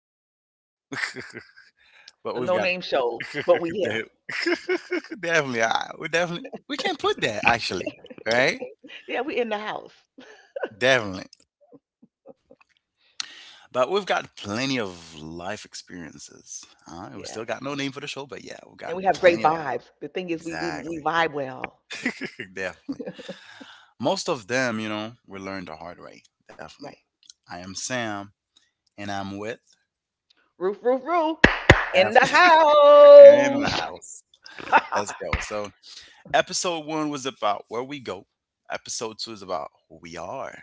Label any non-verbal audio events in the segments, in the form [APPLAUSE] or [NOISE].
name for the show, The No but we've Name got Show. [LAUGHS] But we yeah. de- [LAUGHS] definitely, we can put that actually, right? Yeah, we in the house. Definitely. But we've got plenty of life experiences. We still Yes. got no name for the show, but yeah, we've And got we have great plenty of. vibes. The thing is we Exactly. vibe well. [LAUGHS] Definitely. Most of them, we learned the hard way. Definitely. Right. I am Sam, and I'm with Roof, roof, roof. In the Daphne [LAUGHS] in the house. house. Let's [LAUGHS] go. So episode one was about where we go. Episode two is about who we are.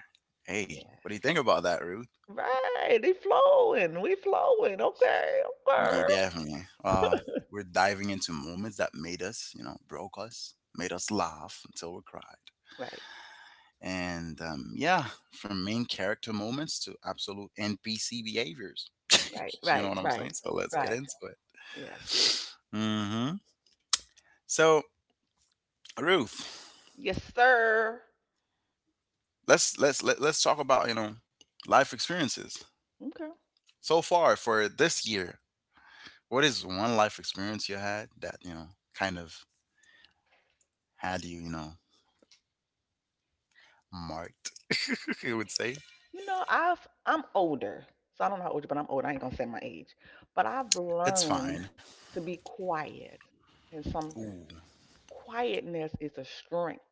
Hey, what do you yes. think about that, Ruth? Right. They flowing. We flowing. Okay. Yeah, Okay. definitely. We're diving into moments that made us, you know, broke us, made us laugh until we cried. Right. And yeah, from main character moments to absolute NPC behaviors. Right. [LAUGHS] You know Right. what I'm Right. saying? So let's get Right. into it. Yes. hmm So Ruth, Yes, sir. let's talk about life experiences Okay. so far for this year. What is one life experience you had that, kind of had you, marked? [LAUGHS] You would say. You know, I'm older, so I don't know how old you, but I'm old. I ain't gonna say my age, but I've It's learned fine. to be quiet, and some Ooh, quietness is a strength.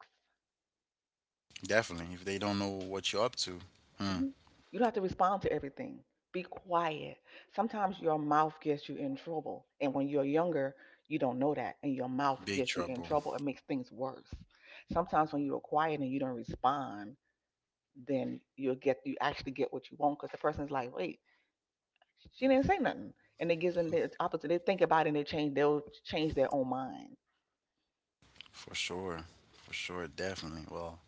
definitely. If they don't know what you're up to, hmm, hmm You don't have to respond to everything. Be quiet. Sometimes your mouth gets you in trouble, and when you're younger, you don't know that, and your mouth big gets you in trouble. trouble. It makes things worse. Sometimes when you're quiet and you don't respond, then you actually get what you want because the person's like, wait, she didn't say nothing, and it gives them the opposite. They think about it and they change. They'll change their own mind. For sure. For sure, definitely. Well,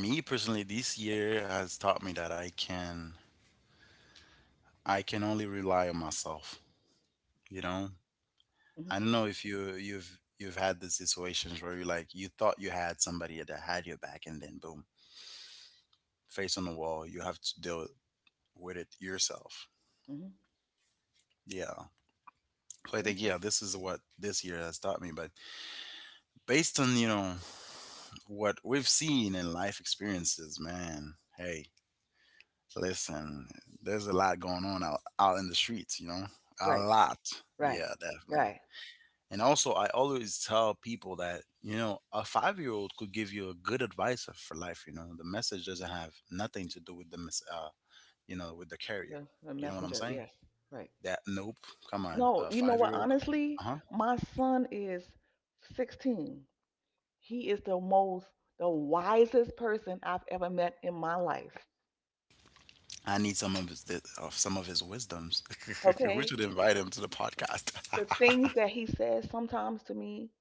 me personally, this year has taught me that I can only rely on myself. You know, Hmm I don't know if you've had the situations where you thought you had somebody that had your back, and then boom, face on the wall, you have to deal with it yourself. hmm Yeah. So I think, Okay. yeah, this is what this year has taught me. But based on what we've seen in life experiences, man. Hey, listen, there's a lot going on out in the streets. You know, a Right. lot. Yeah, Right. definitely. Right. And also, I always tell people that a 5-year-old old could give you a good advice for life. You know, the message doesn't have nothing to do with the with the carrier. The You know what I'm messenger. saying? Yes. Right. That nope. Come on, No, a you know 5-year-old what? old could. Honestly, Uh-huh. my son is 16. He is the wisest person I've ever met in my life. I need some of his wisdoms. [LAUGHS] We Okay. should invite him to the podcast. The things [LAUGHS] that he says sometimes to me,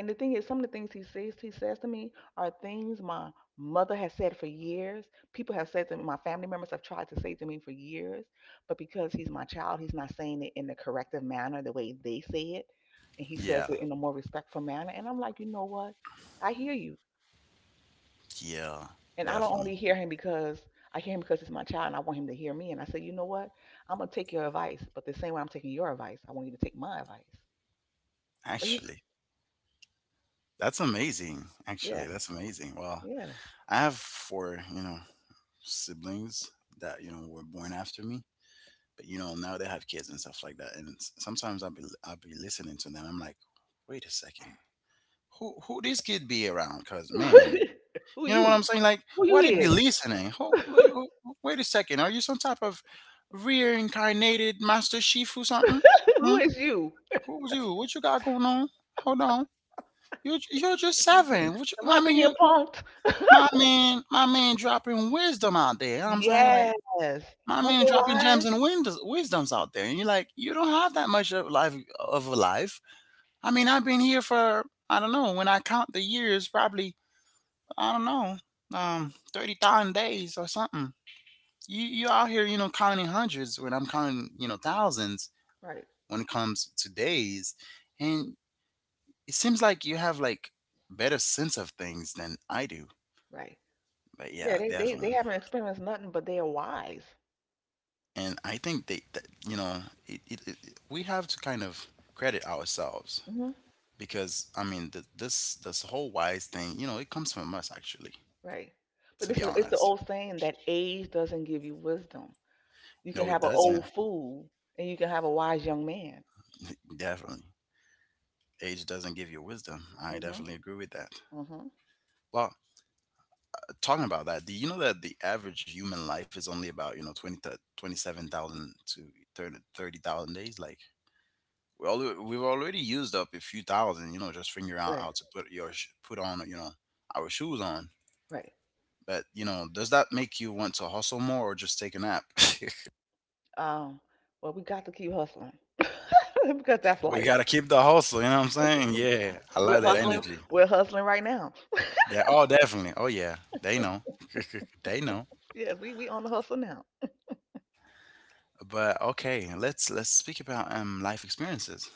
and the thing is, some of the things he says to me are things my mother has said for years. People have said to me, my family members have tried to say to me for years, but because he's my child, he's not saying it in the corrective manner, the way they say it, and he Yeah, says it in a more respectful manner. And I'm like, you know what? I hear you, yeah, and I don't definitely. only hear him because I hear him because he's my child, and I want him to hear me. And I say, you know what? I'm gonna take your advice, but the same way I'm taking your advice, I want you to take my advice. But he's Actually, that's amazing. Actually, yes, that's amazing. Well, yes. I have four, siblings that were born after me, but now they have kids and stuff like that. And sometimes I'll be listening to them. I'm like, wait a second, who this kid be around? Cause man, [LAUGHS] Who you know what I'm you? saying? Like, Who you why they be is? listening? Ho [LAUGHS] like, ho wait a second. Are you some type of reincarnated Master Chief or something? Hmm? Who is you? Who's you? What you got going on? Hold on. You're just seven. Am I I mean, you, being punked? My man dropping wisdom out there. You know what I'm saying? Like, Yes. my Aren't man they dropping gems wise? and windows, wisdoms out there. And you're like, you don't have that much of a life. I mean, I've been here for, I don't know, when I count the years, probably, I don't know, 30,000 days or something. You out here, you know, counting hundreds when I'm counting, thousands Right, when it comes to days. And it seems like you have like better sense of things than I do. right. But yeah, Yeah, they definitely. haven't experienced nothing, but they're wise. And I think they, that, you know, it, we have to kind of credit ourselves hmm because I mean, th this this whole wise thing, it comes from us actually, Right. But to this be is, it's the honest. old saying that age doesn't give you wisdom. You can No, it have an old doesn't. fool and you can have a wise young man. [LAUGHS] Definitely. Age doesn't give you wisdom. I Hmm definitely agree with that. hmm Well, talking about that, do you know that the average human life is only about 20 to 27,000 to 30,000 days? Like we've already used up a few thousand, just figuring out Right, how to put put on our shoes on. right. But does that make you want to hustle more or just take a nap? [LAUGHS] Um, well, we got to keep hustling [LAUGHS] because that's We life. gotta keep the hustle. You know what I'm saying? Yeah, I We're love that hustling. energy. We're hustling right now. Yeah. Oh, definitely. Oh yeah, they know. [LAUGHS] They know. Yes, we on the hustle now. But okay, let's speak about life experiences.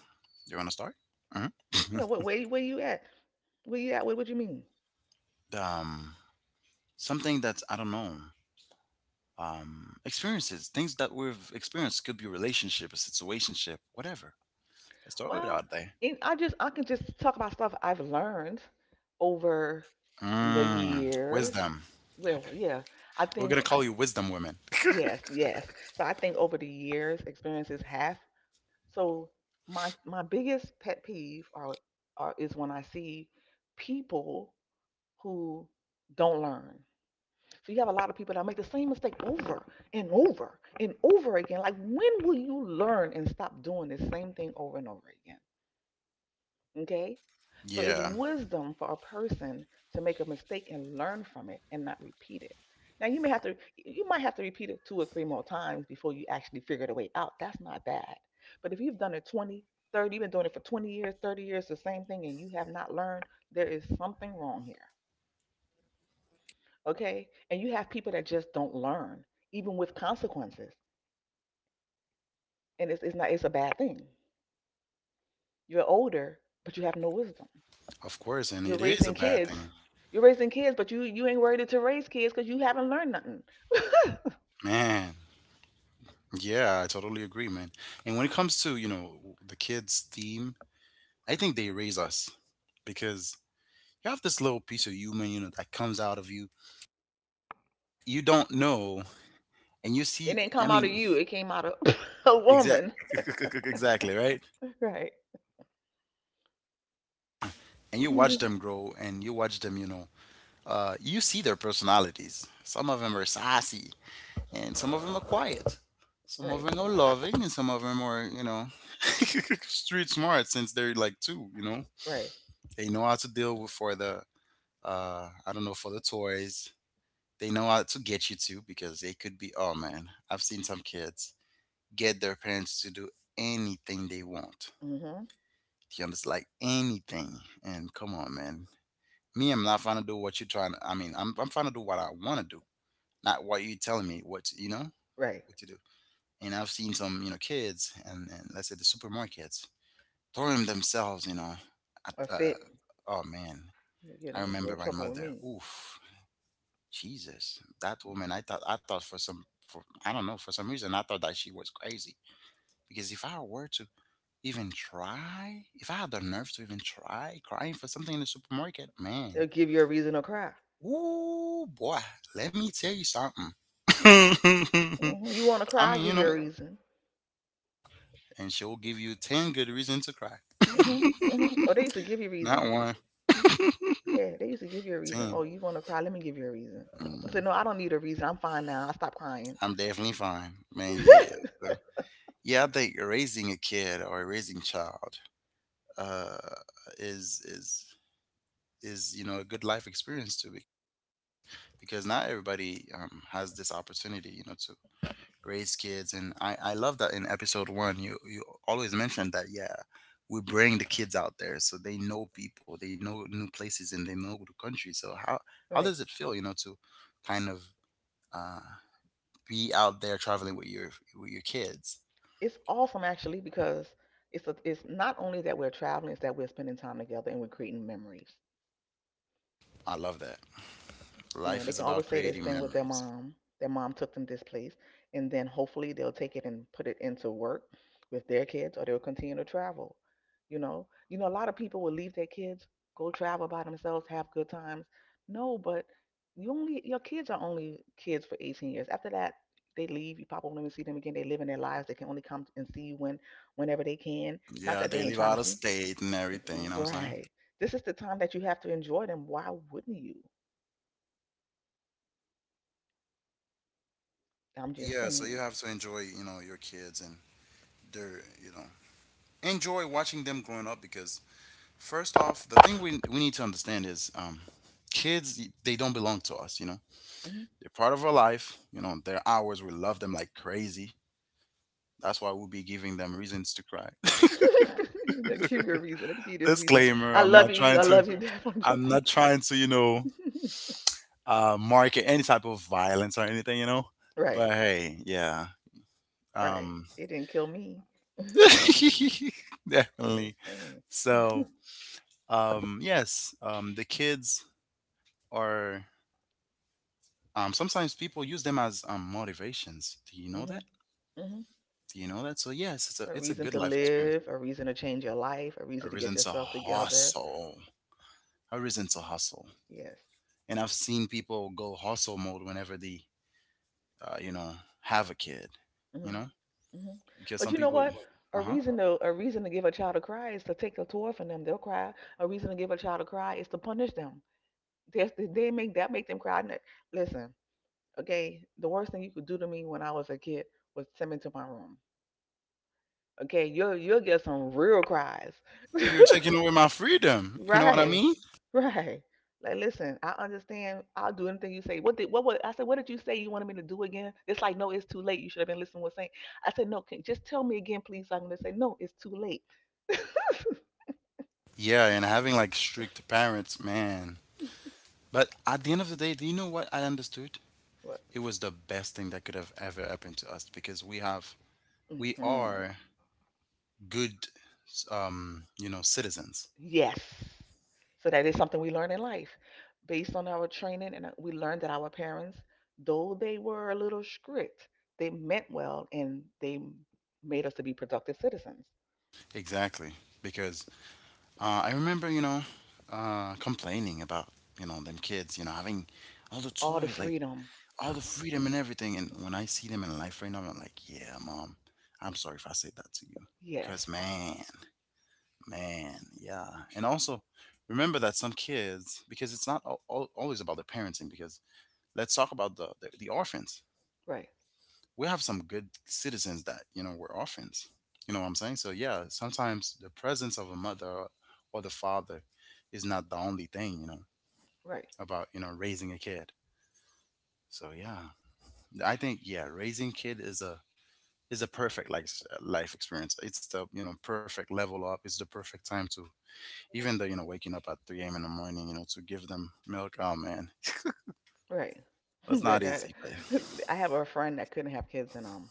You want to start? Hmm. Yeah, what where you at? Where you at? What you mean? [LAUGHS] um, Something that's, I don't know. Experiences, things that we've experienced could be a relationship, a situationship, whatever. Let's throw it Well, out there. and I can just talk about stuff I've learned over the Mm, years. wisdom. Yeah, I We're think gonna I- call you wisdom women. yes, yes. So I think over the years, experiences have. So my biggest pet peeve are is when I see people who don't learn. So you have a lot of people that make the same mistake over and over and over again. Like, when will you learn and stop doing the same thing over and over again? Okay? So it's Yeah, wisdom for a person to make a mistake and learn from it and not repeat it. Now you might have to repeat it two or three more times before you actually figure the way out. That's not bad. But if you've done it 20, 30, you've been doing it for 20 years, 30 years, the same thing, and you have not learned, there is something wrong here. Okay, and you have people that just don't learn, even with consequences, and it's not it's a bad thing. You're older but you have no wisdom. of course, and you're it is raising a bad kids thing, you're raising kids but you ain't ready to raise kids because you haven't learned nothing. man. Yeah, I totally agree, man. And when it comes to the kids' theme, I think they raise us because you have this little piece of human, that comes out of you. You don't know, and you It see. didn't I come out of mean, you, it came out of [LAUGHS] a exact, woman. [LAUGHS] exactly, right? Right. And you watch them Mhm. grow, and you watch them, you see their personalities. Some of them are sassy, and some of them are quiet. [LAUGHS] Some of right them are loving, and some of them are, [LAUGHS] street smart since they're like two. You know, right they know how to deal with I don't know, for the toys. They know how to get you too because they could be. Oh man, I've seen some kids get their parents to do anything they want. mm-hmm You understand? Like anything. And come on, man. Me, I'm not trying to do what you're trying I mean, I'm trying to do what I want to do, not what you're telling me. What to- you know, right what to do. And I've seen some, kids and let's say the supermarkets throwing themselves, at, or fit. oh man, You get I in remember real my trouble with mother. me. Oof, Jesus, that woman. I thought for, I don't know, for some reason I thought that she was crazy because if I were to even try. If I had the nerve to even try crying for something in the supermarket, man. They'll give you a reason to cry. Ooh, boy, let me tell you something. [LAUGHS] You want to I cry, I mean, give you a reason. and she'll give you 10 good reasons to cry. [LAUGHS] Mm-hmm, mm-hmm. Oh, they used to give you Not reasons. one, Yeah, they used to give you a reason. ten. Oh, you want to cry? Let me give you a reason. You Mm, say, no, I don't need a reason. I'm fine now. I stopped crying. I'm definitely fine, man. Yeah. so- Yeah, I think raising a kid or raising child, uh, is, is, is a good life experience too, be because not everybody, has this opportunity, to raise kids. And I love that in episode one you always mentioned that, yeah, we bring the kids out there so they know people, they know new places, and they know the country. So how does Right. it feel, to kind of uh, be out there traveling with your kids? It's awesome actually because it's not only that we're traveling, it's that we're spending time together and we're creating memories. I love that. You know, Life they is can about always say it's creating been with their memories. mom. Their mom took them this place, and then hopefully they'll take it and put it into work with their kids, or they'll continue to travel. You know, a lot of people will leave their kids, go travel by themselves, have good times. No, but your kids are only kids for 18 years. After that, they leave. You probably won't even see them again. They live in their lives. They can only come and see you when, whenever they can. Not Yeah, that they they live ain't out trying to of see. state and everything, you know what I'm saying? Right. This is the time that you have to enjoy them. Why wouldn't you? I'm just Yeah, so you saying. have to enjoy your kids, and their, enjoy watching them growing up because first off, the thing we need to understand is, kids, they don't belong to us. You know, Mhm. they're part of our life. You know, they're ours. We love them like crazy. That's why we'll be giving them reasons to cry. [LAUGHS] [LAUGHS] Now give me a [LAUGHS] reason. Let me give you this reason. Disclaimer: I [LAUGHS] I'm love not you. trying I to. love you, Dad. I'm I'm joking. not trying to. [LAUGHS] Market any type of violence or anything. You know, Right, but hey, yeah. right. Um, It didn't kill me. [LAUGHS] definitely. Just saying. So, yes, the kids are, sometimes people use them as, motivations. Do you know Hmm that? hmm Do you know that? So yes, it's a A it's a reason good to life experience. live, a reason to change your life, a A reason to get reason to yourself together. hustle. A reason to hustle. Yes. And I've seen people go hustle mode whenever they, uh, you know, have a kid. You hmm know, hmm because But some you know people, what? Uh huh, A reason to give a child a cry is to take a toy from them. They'll cry. A reason to give a child a cry is to punish them. They make that make them cry. Listen, okay, the worst thing you could do to me when I was a kid was send me to my room. Okay, you'll get some real cries. you're taking away my [LAUGHS] freedom. You know what I right, mean? right. Like, listen, I understand. I'll do anything you say. What did what was I said? What did you say you wanted me to do again? It's like no, it's too late. You should have been listening. To What I'm saying? I said no. Just tell me again, please. So I'm gonna say no. It's too late. [LAUGHS] Yeah, and having like strict parents, man. But at the end of the day, do you know what I understood? But, It was the best thing that could have ever happened to us, because we mhm. are good, citizens. Yes. So that is something we learn in life. Based on our training, and we learned that our parents, though they were a little strict, they meant well and made us to be productive citizens. Exactly, because I remember, complaining about, them kids, having all the All the toys like freedom. [LAUGHS] all the freedom and everything. And when I see them in life right now, I'm like, yeah, mom, I'm sorry if I said that to you, because yes. Man, man, yeah. And also, remember that some kids, because it's not always about the parenting, because let's talk about the orphans. right. We have some good citizens that were orphans. You know what I'm saying? So yeah, sometimes the presence of a mother or the father is not the only thing, Right. about raising a kid. So yeah, I think, yeah, raising kid is a perfect like life experience. It's the perfect level up. It's the perfect time to, even though waking up at 3 a.m. in the morning, to give them milk. Oh man, Right. [LAUGHS] that's that, not that easy. But [LAUGHS] I have a friend that couldn't have kids and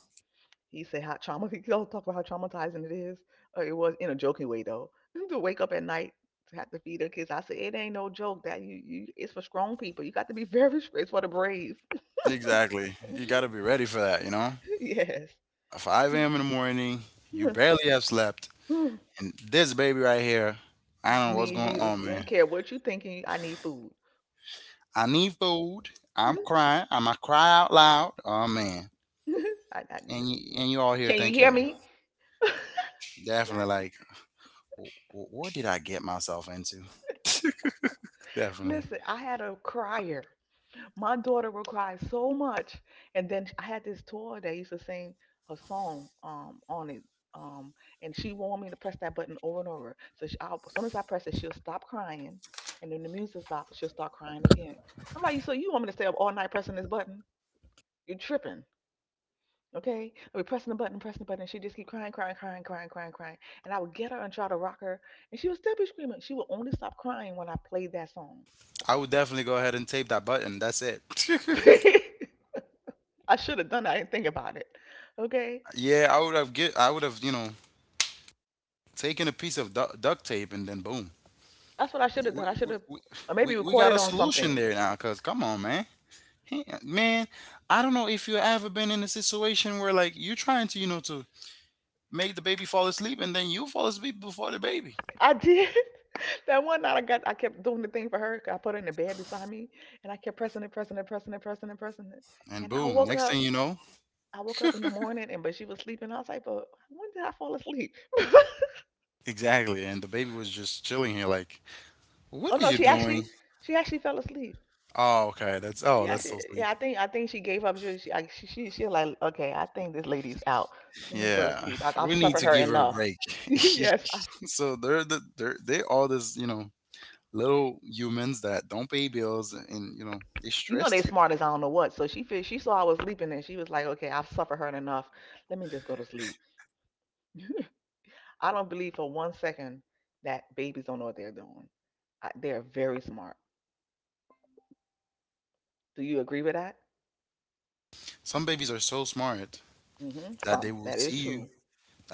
he said how trauma. [LAUGHS] He all talk about how traumatizing it is. It was in a joking way though. [LAUGHS] to wake up at night to have to feed her kids. I said it ain't no joke. That you it's for strong people. You got to be [LAUGHS] very strong. It's for the brave. exactly, you got to [LAUGHS] be ready for that. Yes. At 5 a.m. in the morning, you [LAUGHS] barely have slept. And this baby right here, I don't know what's Need going you to. On, I don't man. care what you thinking. I need food. I need food. I'm crying. I'm going to cry out loud. Oh, man. [LAUGHS] I, I- And you all here can you hear thinking, me? definitely like, "What did I get myself into?" [LAUGHS] Definitely. Listen, I had a crier. My daughter would cry so much. And then I had this toy that used to sing a song on it. Um, and she wanted me to press that button over and over. So I'll, as soon as I press it, she'll stop crying, and then the music stops. She'll start crying again. I'm like, so you want me to stay up all night pressing this button? You're tripping, okay? I'll be pressing the button, and she just keep crying, crying, crying, crying, crying, crying. And I would get her and try to rock her, and she would still be screaming. She would only stop crying when I played that song. I would definitely go ahead and tape that button. That's it. [LAUGHS] I should have done that. I didn't think about it, okay? [LAUGHS] Yeah, I would have get. I would have, taken a piece of duct tape and then boom. That's what I should have We, done. We, we, Or maybe we got recorded a on solution something. there now, cause come on, man. Yeah, man, I don't know if you ever been in a situation where like you're trying to, to make the baby fall asleep and then you fall asleep before the baby. I did. [LAUGHS] that one night I kept doing the thing for her. 'Cause I put her in the bed beside me, and I kept pressing it, pressing it, pressing it, pressing it, pressing it. And And I boom, woke next up. thing you know, I woke up in the morning, and but she was sleeping. I was like, but when did I fall asleep? exactly. And the baby was just chilling here like, Oh "What no, is you she doing?" actually, she actually fell asleep. Oh, okay. That's, oh, She that's so actually, yeah, sweet. I think she gave up. She like, okay, I think this lady's out. Let me go to Yeah. sleep. I've We need suffered to her give her a enough. break. [LAUGHS] [LAUGHS] yes, So they're they all this, little humans that don't pay bills and they you know they stressed you. smart as I don't know what. So she saw I was sleeping and she was like, okay, I've suffered her enough. Let me just go to sleep. [LAUGHS] I don't believe for one second that babies don't know what they're doing. They're very smart. Do you agree with that? Some babies are so smart Mm-hmm. that Some. they will That is see true. you.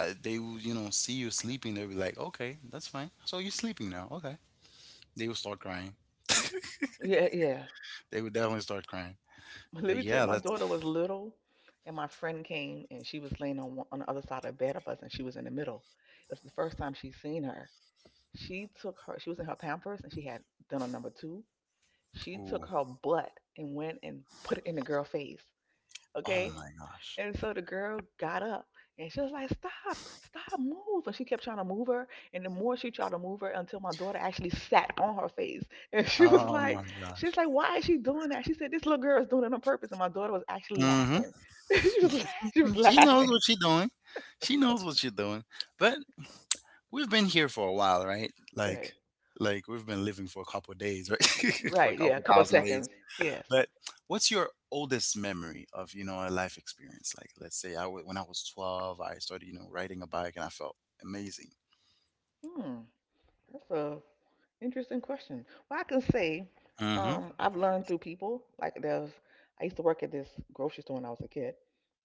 They will, see you sleeping. They'll be like, okay, that's fine. So you're sleeping now. Okay. They will start crying. Yeah, yeah. They will definitely start crying. [LAUGHS] Let But me tell you, yeah, my that's, daughter was little, and my friend came, and she was laying on one, on the other side of the bed of us, and she was in the middle. That's the first time she seen her. She took her. She was in her Pampers, and she had done a number two. She took ooh, her butt and went and put it in the girl face. oh Okay? my gosh. And so the girl got up and she was like, Stop, stop, move. And she kept trying to move her. And the more she tried to move her until my daughter actually sat on her face. [LAUGHS] And she was Oh like, my she's gosh. like, Why is she doing that? She said, This little girl is doing it on purpose. And my daughter was actually Hmm. laughing. [LAUGHS] She was [LAUGHS] She knows laughing. what she's doing. She knows what she's doing. But we've been here for a while, right? Right. Like we've been living for a couple of days, right? [LAUGHS] For Right. a Yeah. A couple couple of thousand. seconds. Yes. But what's your oldest memory of, a life experience? Like, let's say when I was 12, I started, riding a bike and I felt amazing. Hmm. That's a interesting question. Well, I can say Hmm. I've learned through people. Like there's, I used to work at this grocery store when I was a kid,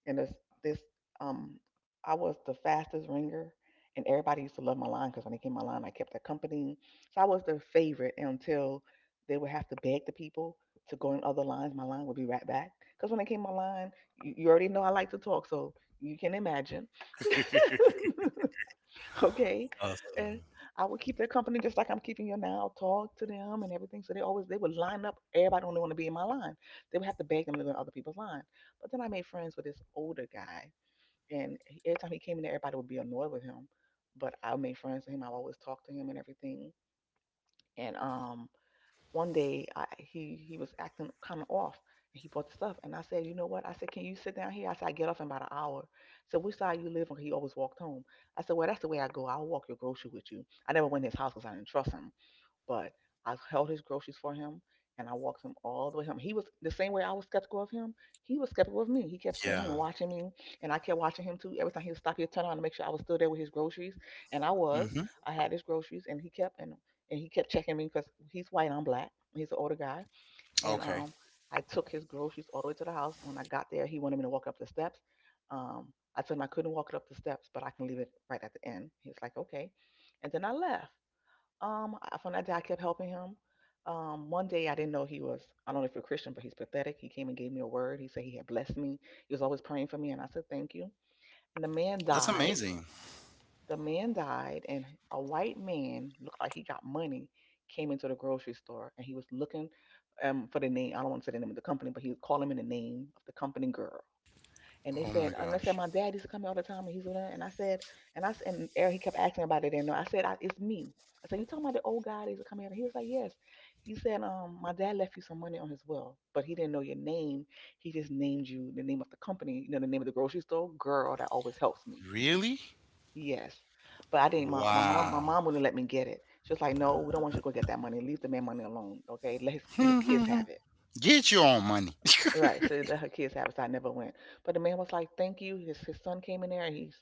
and this um, I was the fastest ringer, and everybody used to love my line because when they came my line, I kept their company. So I was their favorite until they would have to beg the people to go in other lines. My line would be right back because when they came my line, you already know I like to talk, so you can imagine. [LAUGHS] [LAUGHS] [LAUGHS] Okay. Awesome. And I would keep their company just like I'm keeping you now. I'll talk to them and everything. So they always, they would line up, everybody only want to be in my line. They would have to beg them to go in other people's line. But then I made friends with this older guy, every time he came in there everybody would be annoyed with him. But I made friends with him, I always talked to him and everything. And one day, I, he was acting kind of off and he bought the stuff. And I said, you know what, I said, can you sit down here? I said, I get off in about an hour. So which side you live on? He always walked home. I said, well, that's the way I go, I'll walk your grocery with you. I never went to his house because I didn't trust him. But I held his groceries for him, and I walked him all the way home. He was the same way. I was skeptical of him, he was skeptical of me. He kept standing Yeah. and watching me, and I kept watching him too. Every time he would stop, he'd turn around to make sure I was still there with his groceries. And I Hmm. was. I had his groceries, and he kept checking me because he's white, and I'm black. He's an older guy. And Okay. um I took his groceries all the way to the house. And when I got there, he wanted me to walk up the steps. I told him I couldn't walk it up the steps, but I can leave it right at the end. He was like, okay. And then I left. From that day, I kept helping him. One day, I didn't know he was, I don't know if you're Christian, but he's pathetic. He came and gave me a word. He said he had blessed me. He was always praying for me. And I said, thank you. And the man That's died. Mhm. amazing. The man died, and a white man looked like he got money came into the grocery store and he was looking for the name. I don't want to say the name of the company, but he was calling me the name of the company girl. Oh my And they gosh. said, my dad used to come here all the time, and he's doing that. And I said, and I and Eric, he kept asking about it. And I said, I, it's me. I said, you talking about the old guy that used to come here? And he was like, yes. He said, my dad left you some money on his will, but he didn't know your name. He just named you the name of the company, you know, the name of the grocery store. Girl, that always helps me. Really? Yes, but I didn't. My mom, my Wow. mom wouldn't let me get it. She was like, no, we don't want you to go get that money. Leave the man money alone. Okay, let his kids [LAUGHS] have it. Get your own money. [LAUGHS] Right. So that her kids have it. So I never went. But the man was like, "Thank you." His son came in there, and he's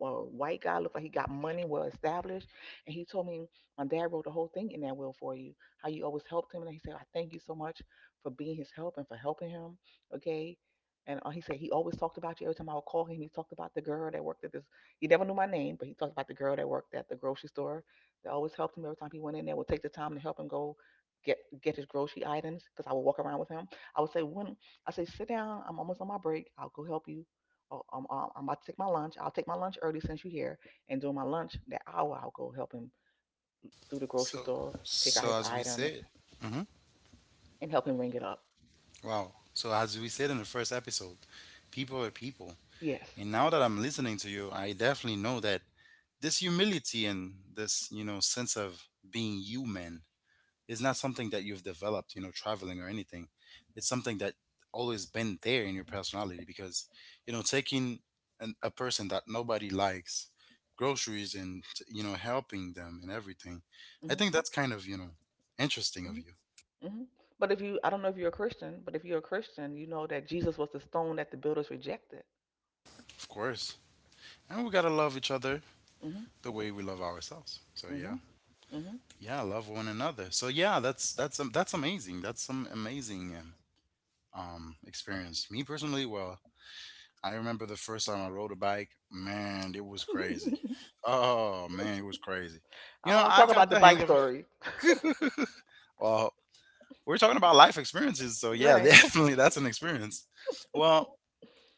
a white guy. Looked like he got money, well established. And he told me, "My dad wrote the whole thing in that will for you. How you always helped him." And he said, "I thank you so much for being his help and for helping him." Okay. And he said he always talked about you. Every time I would call him, he talked about the girl that worked at this. He never knew my name, but he talked about the girl that worked at the grocery store. That always helped him every time he went in there. Would take the time to help him go get his grocery items because I would walk around with him. I would say, when I say, sit down. I'm almost on my break. I'll go help you. Oh, I'm about to take my lunch. I'll take my lunch early since you're here. And during my lunch, that hour, I'll go help him through the grocery So, store, pick out his as we items, said, hmm, and help him ring it up. wow. So as we said in the first episode, people are people, Yes. and now that I'm listening to you, I definitely know that this humility and this sense of being human is not something that you've developed traveling or anything. It's something that always been there in your personality because, taking a person that nobody likes groceries and helping them and everything, I Hmm. think that's kind of interesting Hmm. of you. Hmm. But if you, I don't know if you're a Christian, but if you're a Christian, you know that Jesus was the stone that the builders rejected. Of course, and we gotta love each other Hmm. the way we love ourselves. So yeah, Hmm. Hmm. yeah, love one another. So yeah, that's amazing. That's some amazing experience. Me personally, well, I remember the first time I rode a bike. Man, it was crazy. [LAUGHS] Oh man, it was crazy. I You don't know, want to I talk got about the the hang bike of it. story. Well, we're talking about life experiences, so yeah, [LAUGHS] Right. definitely that's an experience. Well,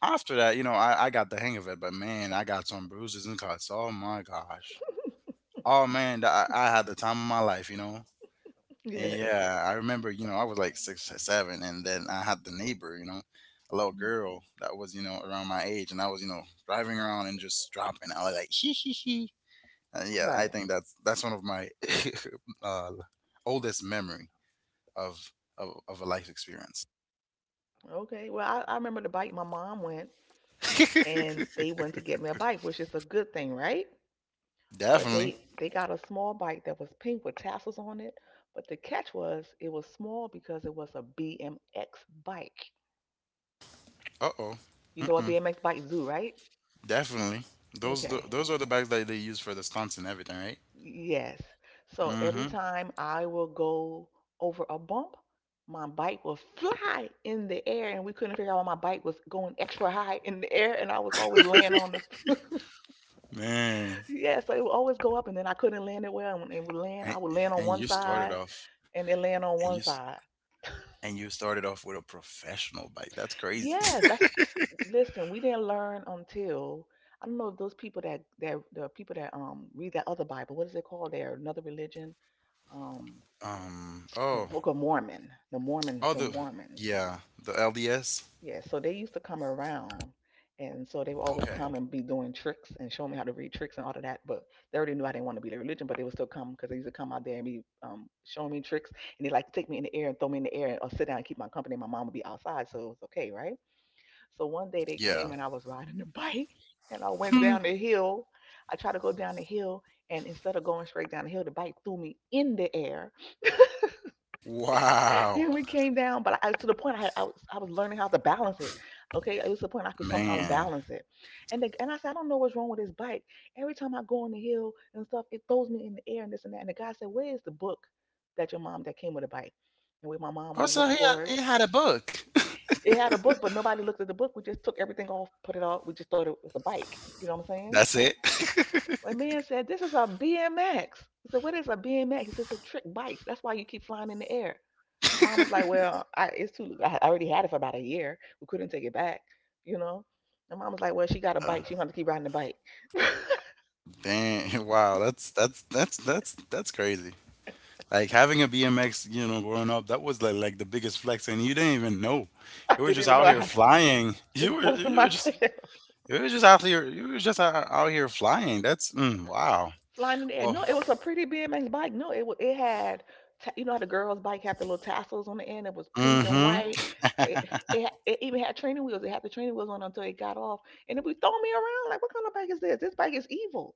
after that, I got the hang of it, but man, I got some bruises and cuts. Oh my gosh. Oh man, I had the time of my life, you know. And Yes. [LAUGHS] yeah, I remember, I was like six or seven, and then I had the neighbor, a little Mhm. girl that was, around my age, and I was, driving around and just dropping. I was like, hee hee hee. And yeah, I Right. think that's one of my [LAUGHS] uh, oldest memory of, of a life experience. Okay. Well, I remember the bike my mom went, [LAUGHS] and they went to get me a bike, which is a good thing, right? But Definitely. they, mhm, they got a small bike that was pink with tassels on it. But the catch was it was small because it was a BMX bike. Uh oh. You know what Mm-mm. BMX bikes do, right? Definitely. Those Okay. those are the bags that they use for the stunts and everything, right? Yes. So every Mm-hmm. time I will go over a bump, my bike will fly in the air, and we couldn't figure out why my bike was going extra high in the air, and I was always laying on the [LAUGHS] Man, yeah, so it would always go up, and then I couldn't land it well. And when it would land, I, I would land on and one you started side. off, And it land on and you one side. and you started off with a professional bike. That's crazy. Yes, that's, listen. We didn't learn until I don't know if those people that the people that read that other Bible. What is it called? There another religion. Um, [LAUGHS] the Oh. Book of Mormon. The Mormons. Oh. The The. Mormons. Yeah. The LDS. Yeah. So they used to come around, and so they would always Okay. come and be doing tricks and show me how to read tricks and all of that. But they already knew I didn't want to be their religion, but they would still come because they used to come out there and be showing me tricks, and they like to take me in the air and throw me in the air or sit down and keep my company. My mom would be outside, so it was okay, right? So one day they Yeah. came and I was riding the bike and I went Hmm. down the hill. I tried to go down the hill, and instead of going straight down the hill, the bike threw me in the air. [LAUGHS] Wow. And we came down. But I, to the point I, had, I was learning how to balance it. Okay, it was to the point I could sometimes Man. balance it. And the, and I said I don't know what's wrong with this bike. Every time I go on the hill and stuff, it throws me in the air and this and that. And the guy said, where is the book that your mom that came with the bike? And we, my mom Oh, went and so looked for it. he had a book. It had a book, but nobody looked at the book. We just took everything off, put it off. We just thought it was a bike. You know what I'm [LAUGHS] saying? That's it. My [LAUGHS] man said, this is a BMX. I said, what is a BMX? He said, it's a trick bike. That's why you keep flying in the air. Mom was like, well, I, it's too, I already had it for about a year. We couldn't take it back, you know? And mom was like, Well, she got a Uh, bike. She going to keep riding the bike. [LAUGHS] dang. [LAUGHS] Wow. That's crazy. Like having a BMX, you know, growing up, that was like the biggest flex, and you didn't even know. I You were didn't just even know out I here had it. flying. [LAUGHS] Just busting my [LAUGHS] tail. you were just out here. You were just out here flying. That's, mm, wow. Flying in the air. Well, No, it was a pretty BMX bike. No, it was it had ta- you know how the girls' bike had the little tassels on the end. It was pink and white. It, mm-hmm. [LAUGHS] it even had training wheels. It had the training wheels on until it got off. And it was throwing me around like, what kind of bike is this? This bike is evil.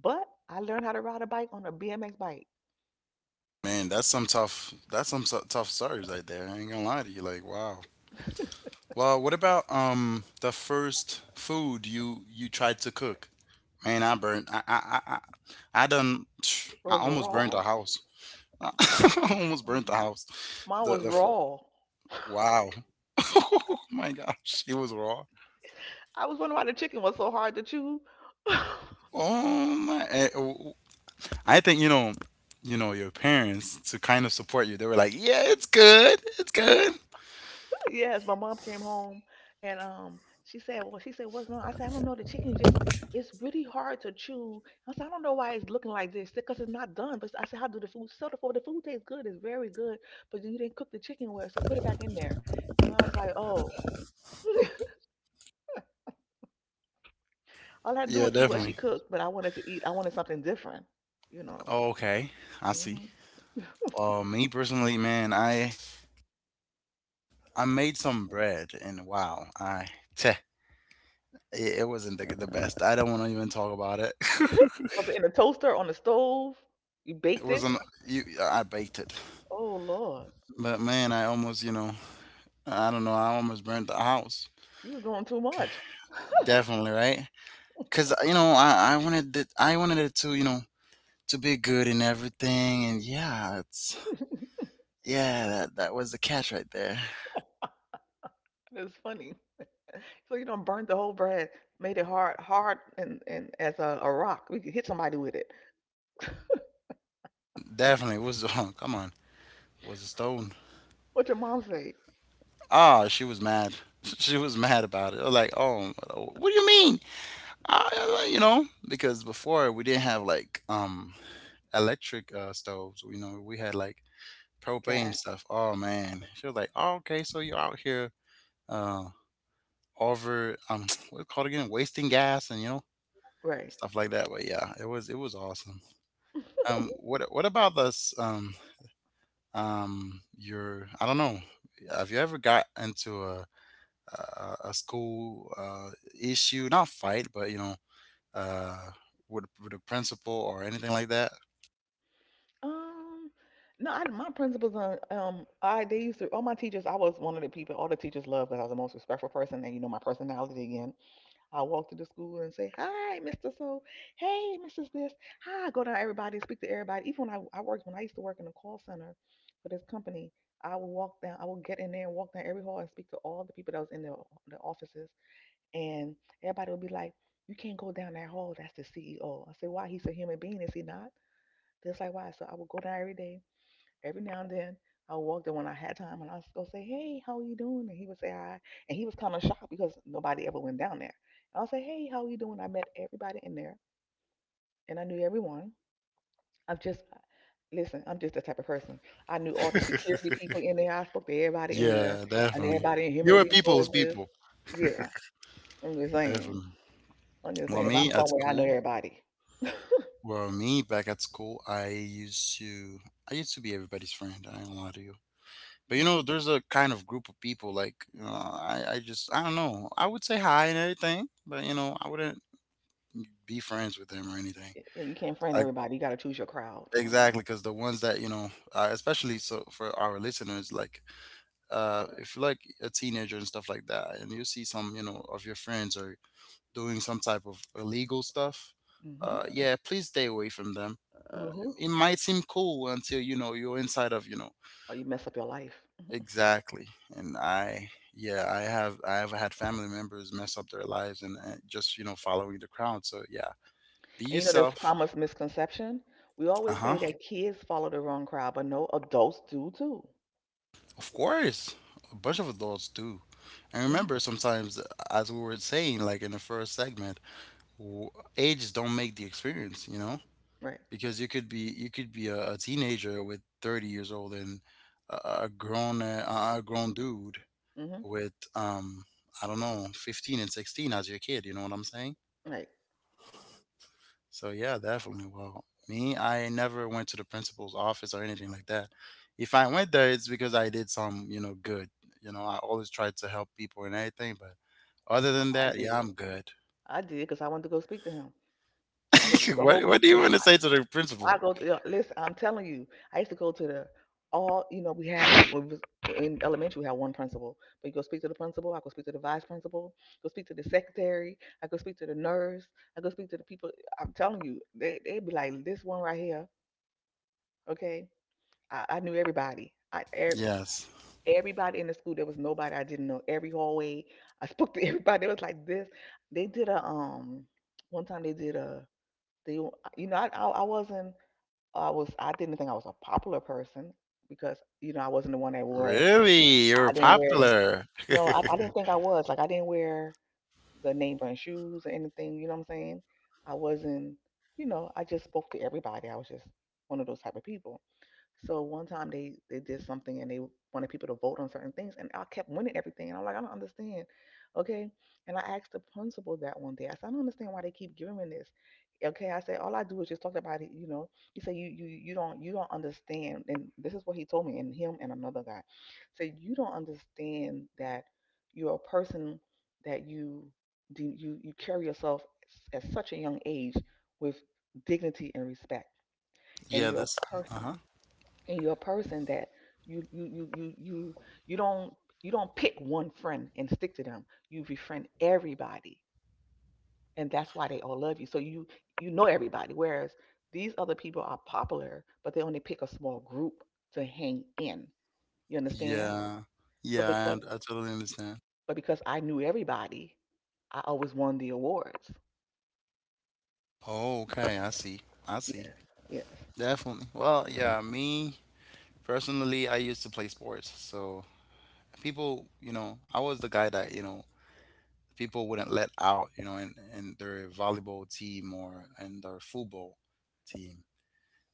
But I learned how to ride a bike on a BMX bike. Man, that's some tough. That's some tough stories right there. I ain't gonna lie to you. Like wow. Well, what about the first food you tried to cook? Man, I burned. I done. [SNIFFS] It [TSK] I was almost burned raw. the house. [LAUGHS] I M- almost burnt mhm. the house. Mine The was the f- raw. wow. [LAUGHS] Oh my gosh, it was raw. I was wondering why the chicken was so hard to chew. [LAUGHS] Oh my! I think your parents to kind of support you. They were like, "Yeah, it's good, it's good." Yes, my mom came home and she said, "What's wrong?" I said, "I don't know. The chicken just it's really hard to chew." I said, "I don't know why it's looking like this. Because it's not done." But I said, "How do the food so the food tastes good, it's very good, but you didn't cook the chicken well, so put it back in there." And I was like, "Oh." [LAUGHS] All I had to do Yeah, was eat what definitely. she cooked, but I wanted something different, you know. Oh, okay, I see. Hmm. Me personally, man, I made some bread, and wow, teh, it wasn't the best. I don't want to even talk about it. Was it [LAUGHS] in the toaster, on the stove? You it baked it? wasn't. I baked it, Oh, Lord. but man, I almost, I don't know, I almost burnt the house. You was doing too much. Definitely, right? Because you know, I wanted it. I wanted it to, to be good in everything, and yeah, it's, yeah, that that was the catch right there. That's funny. So you don't burn the whole bread, made it hard, hard and as a rock. We could hit somebody with it. Definitely was [LAUGHS] oh, come on, was a stone. What your mom say? Ah, she was mad. [LAUGHS] She was mad about it. I was like, oh, what do you mean? Ah, yeah, yeah, you know, because before we didn't have like electric stoves. You know, we had like propane Cat. stuff. Oh man, she was like, oh, okay, so you're out here uh over [LAUGHS] [TSK] what's it called again, wasting gas and Right. stuff like that. But yeah, it was awesome. What about this? Your I don't know. Have you ever got into a a school issue? Not fight, but you know, uh, with a principal or anything like that. Um. No, my principals on I they used to all my teachers. I was one of the people all the teachers loved because I was the most respectful person, and you know my personality again. I walk to the school and say, "Hi, Mr. So, hey, Mrs. This." Hi, I go down to everybody and speak to everybody. Even when I used to work in a call center for this company, I would walk down. I would get in there and walk down every hall and speak to all the people that was in the offices, and everybody would be like, "You can't go down that hall. That's the CEO." I said, "Why? He's a human being, is he not?" Just like why. So I would go down every day. Every now and then I walked in when I had time and I was go say, "Hey, how are you doing?" And he would say hi. And he was kind of shocked because nobody ever went down there. And I'll say, "Hey, how are you doing?" I met everybody in there and I knew everyone. I'm just listen, I'm just the type of person. I knew all the [LAUGHS] security people in there. I spoke to everybody in there Yeah, and definitely. everybody in human You're a people's resources. people. Yeah. I'm just saying. Definitely. I'm just Well, saying if me I'm at somewhere I know school. everybody. Well, me back at school, I used to be everybody's friend. I ain't gonna lie to you. But you Mhm. know, there's a kind of group of people like you know, I just I don't know. I would say hi and everything, but you know, I wouldn't be friends with them or anything. Yeah, you can't friend Like everybody. You gotta choose your crowd. Mm-hmm. exactly, because the ones that you know, especially so for our listeners, like if you're like a teenager and stuff like that, and you see some of your friends or doing some type of illegal stuff, Mm-hmm. Yeah, please stay away from them. Uh, Mm-hmm. it might seem cool until you know you're inside of you know. Or you mess up your life. Exactly. And yeah, I have had family members mess up their lives and just, you know, following the crowd. So yeah, be And there's yourself. common misconception. We always Uh-huh. say that kids follow the wrong crowd, but no, adults do too. Of course. A bunch of adults do. And Hmm. remember, sometimes, as we were saying, like in the first segment, w- ages don't make the experience, you know, Right. because you could be a teenager with 30 years old and a grown dude Hmm. with, I don't know, 15 and 16 as your kid, you know what I'm saying? Right. So yeah, definitely. Well, me, I never went to the principal's office or anything like that. If I went there, it's because I did some, you know, good. You know, I always tried to help people and everything. But other than I that, did. yeah, I'm good. I did because I wanted to go speak to him. I go to [LAUGHS] the whole What do you company. want to say to the I principal? go. To, yeah, listen, I'm telling you, I used to go to the all. You know, we had when we was in elementary, we had one principal. But you go speak to the principal. I go speak to the vice principal. Go speak to the secretary. I go speak to the nurse. I go speak to the people. I'm telling you, they be like this one right here. Okay, I knew everybody. I Yes. Everybody in the school. There was nobody I didn't know. Every hallway, I spoke to [LAUGHS] everybody. It was like this. They did a. One time they did a. They you know I wasn't. I didn't think I was a popular person because you know I wasn't the one that wore Really, you're I didn't wear the popular. no I didn't think I was like I didn't wear the name brand shoes or anything. You know what I'm saying? I wasn't. You know I just spoke to everybody. I was just one of those type of people. So one time they did something and they wanted people to vote on certain things, and I kept winning everything. And I'm like, I don't understand, okay? And I asked the principal that one day. I said, I don't understand why they keep giving me this. Okay, I said, all I do is just talk about it. He said, you don't understand. And this is what he told me, and him and another guy. Said you don't understand that you're a person that you carry yourself at such a young age with dignity and respect, and Yeah. you're This. a Uh huh. person. And you're a person that you you you you you you don't pick one friend and stick to them. You befriend everybody, and that's why they all love you. So you know everybody. Whereas these other people are popular, but they only pick a small group to hang in. You understand? Yeah. So Yeah. Because I totally understand. but because I knew everybody, I always won the awards. Oh, okay. I see. I see. Yes. Yes. Definitely. Well, yeah. Me. Personally, I used to play sports, so people, you know, I was the guy that you know people wouldn't let out, you know, in their volleyball team or in their football team.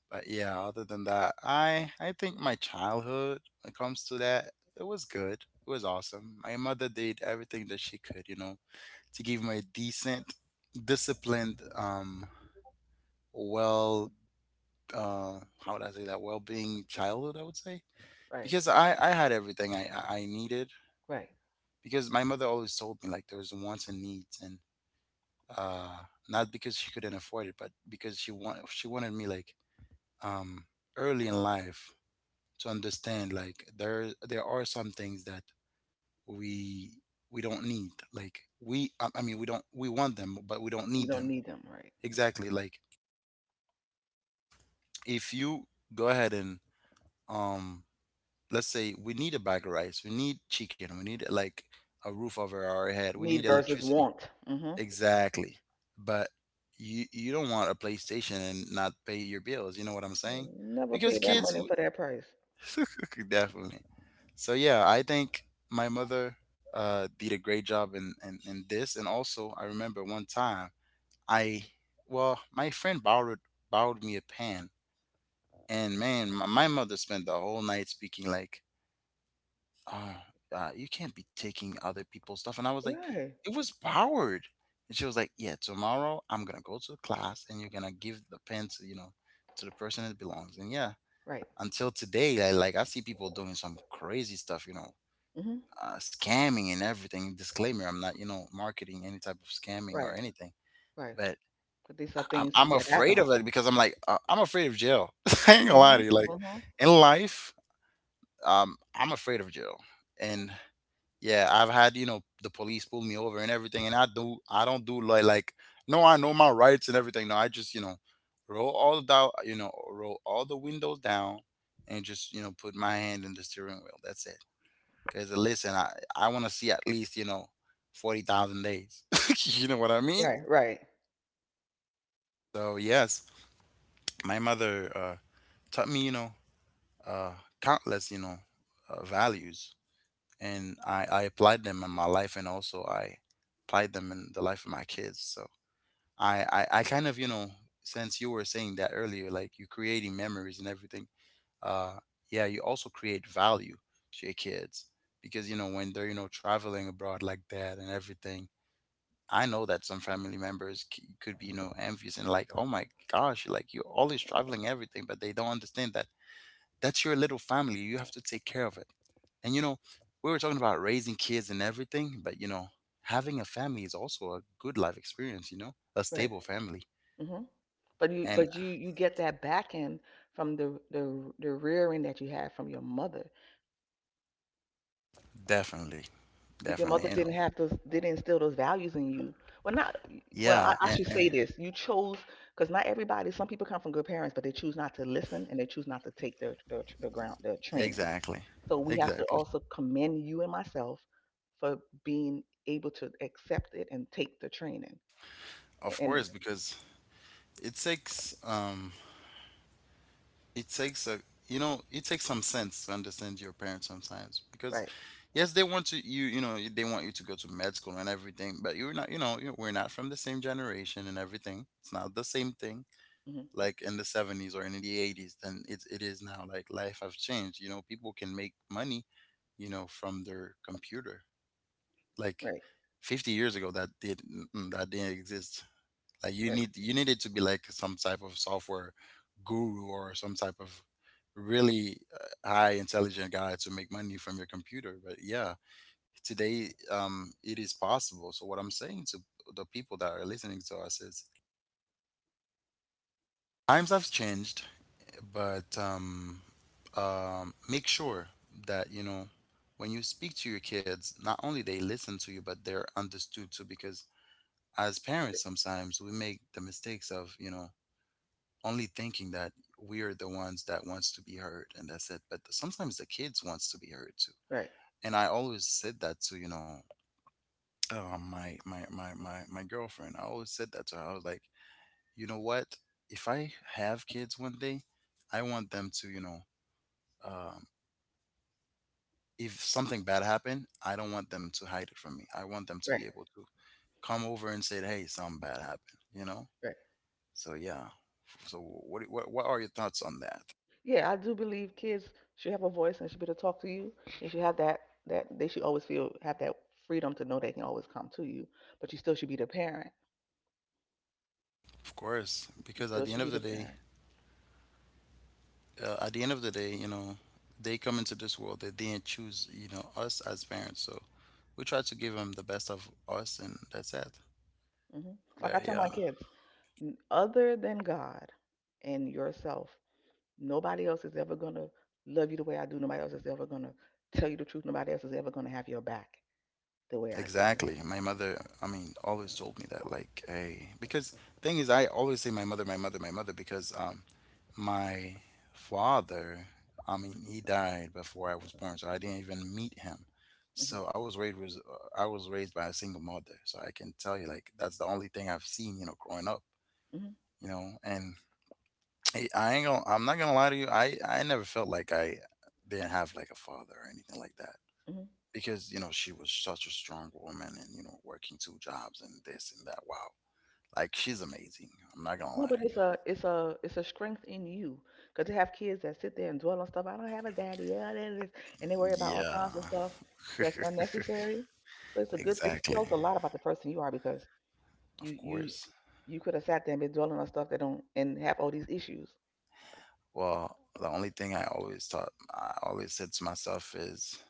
But yeah, other than that, I think my childhood when it comes to that, it was good. It was awesome. My mother did everything that she could, you know, to give me a decent, disciplined, well, how would I say that? Well-being childhood, I would say Right. because I had everything I needed Right. because my mother always told me like there was wants and needs and uh not because she couldn't afford it but because she wanted me like um early in life to understand like there are some things that we we don't need like we I mean we don't we want them but we don't need You them don't need them. Right. exactly. Like if you go ahead and um let's say we need a bag of rice, we need chicken, we need like a roof over our head, we need Need versus electricity. want. Mm-hmm. Exactly. But you don't want a PlayStation and not pay your bills, you know what I'm saying? Never Because pay that kids money for that price. [LAUGHS] definitely. So yeah, I think my mother did a great job in, in this. And also I remember one time I, well, my friend borrowed, me a pen, and man, my mother spent the whole night speaking like uh, you can't be taking other people's stuff. And I was like, Right. it was powered. And she was like, yeah, tomorrow I'm going to go to the class and you're going to give the pen to, you know, to the person it belongs. And yeah, Right. until today, I like, I see people doing some crazy stuff, you know, Hmm. Scamming and everything. Disclaimer, I'm not, you know, marketing any type of scamming or Right. anything. Right. But But these are I- am things I'm that afraid happens. of it because I'm like, I'm afraid of jail. [LAUGHS] I ain't gonna Mm-hmm. lie to you. Like Mm-hmm. in life, I'm afraid of jail. And. Yeah, I've had, you know, the police pull me over and everything, and I don't do like no, I know my rights and everything. No, I just, you know, roll all the windows down and just, you know, put my hand in the steering wheel. That's it. Cause listen, I want to see at least, you know, 40,000 days. [LAUGHS] You know what I mean? Right. Right. So, yes, my mother taught me, you know, uh countless, you know, values. And I applied them in my life, and also I applied them in the life of my kids. So I kind of, you know, since you were saying that earlier, like you're creating memories and everything, uh, yeah, you also create value to your kids because, you know, when they're, you know, traveling abroad like that and everything, I know that some family members could be, you know, envious and like, oh my gosh, like you're always traveling everything, but they don't understand that that's your little family. You have to take care of it. And you know, we were talking about raising kids and everything, but you know, having a family is also a good life experience, you know, a Right. stable family. Hmm. But you, And but you, you get that back end from the rearing that you had from your mother. definitely, If your definitely, mother you know. didn't have those, didn't instill those values in you, well, not, well, I, Yeah, I eh, should eh, say this: you chose because not everybody. Some people come from good parents, but they choose not to listen and they choose not to take their ground their training. exactly. So we have to Exactly. also commend you and myself for being able to accept it and take the training. Of And course, because it takes um it takes a, you know, it takes some sense to understand your parents sometimes because right, yes, they want to you know, they want you to go to med school and everything, but you're not, you know, you we're not from the same generation and everything. It's not the same thing hmm, like in the 70s or in the 80s than it is now. Like life has changed, you know, people can make money, you know, from their computer like right, 50 years ago that did, that didn't exist. Like right, you need it to be like some type of software guru or some type of really high intelligent guy to make money from your computer. But yeah, today it is possible. So what I'm saying to the people that are listening to us is times have changed, but make sure that you know, when you speak to your kids, not only they listen to you, but they're understood too. Because as parents, sometimes we make the mistakes of, you know, only thinking that we are the ones that wants to be heard, and that's it. But sometimes the kids wants to be heard too. right, And I always said that to, you know, my girlfriend, I always said that to her. I was like, you know what, if I have kids one day, I want them to, you know, um, if something bad happened, I don't want them to hide it from me. I want them to be right, able to come over and say, hey, something bad happened, you know. right. So yeah, so what what are your thoughts on that? Yeah, I do believe kids should have a voice and should be able to talk to you. They should have that they should always feel have that freedom to know they can always come to you. But you still should be the parent. Of course, You because still at the should end be of the the day, parent. At the end of the day, you know, they come into this world. They didn't choose, you know, us as parents. So we try to give them the best of us, and that's it. Hmm. Like I But tell my yeah, kids, Other than God and yourself, nobody else is ever going to love you the way I do. Nobody else is ever going to tell you the truth. Nobody else is ever going to have your back the way I do." exactly. My mother, I mean, always told me that, like, hey, because thing is, I always say my mother, my mother, my mother, because my father, I mean, he died before I was born, so I didn't even meet him. Hmm. So I was raised with, I was raised by a single mother. So I can tell you, like, that's the only thing I've seen, you know, growing up. Hmm. You know, and I'm not gonna lie to you, I never felt like I didn't have like a father or anything like that Hmm. because, you know, she was such a strong woman and, you know, working two jobs and this and that. Wow, like she's amazing. I'm not gonna No, lie but it's to a it's a it's a strength in you because they have kids that sit there and dwell on stuff. "I don't have a daddy, yeah, that is," and they worry about you. all kinds of Yeah. stuff that's unnecessary. So it's a [LAUGHS] good, it Exactly. tells a lot about the person you are because you Of you course. you could have sat there and been dwelling on stuff that don't and have all these issues. Well, the only thing I always thought, I always said to myself is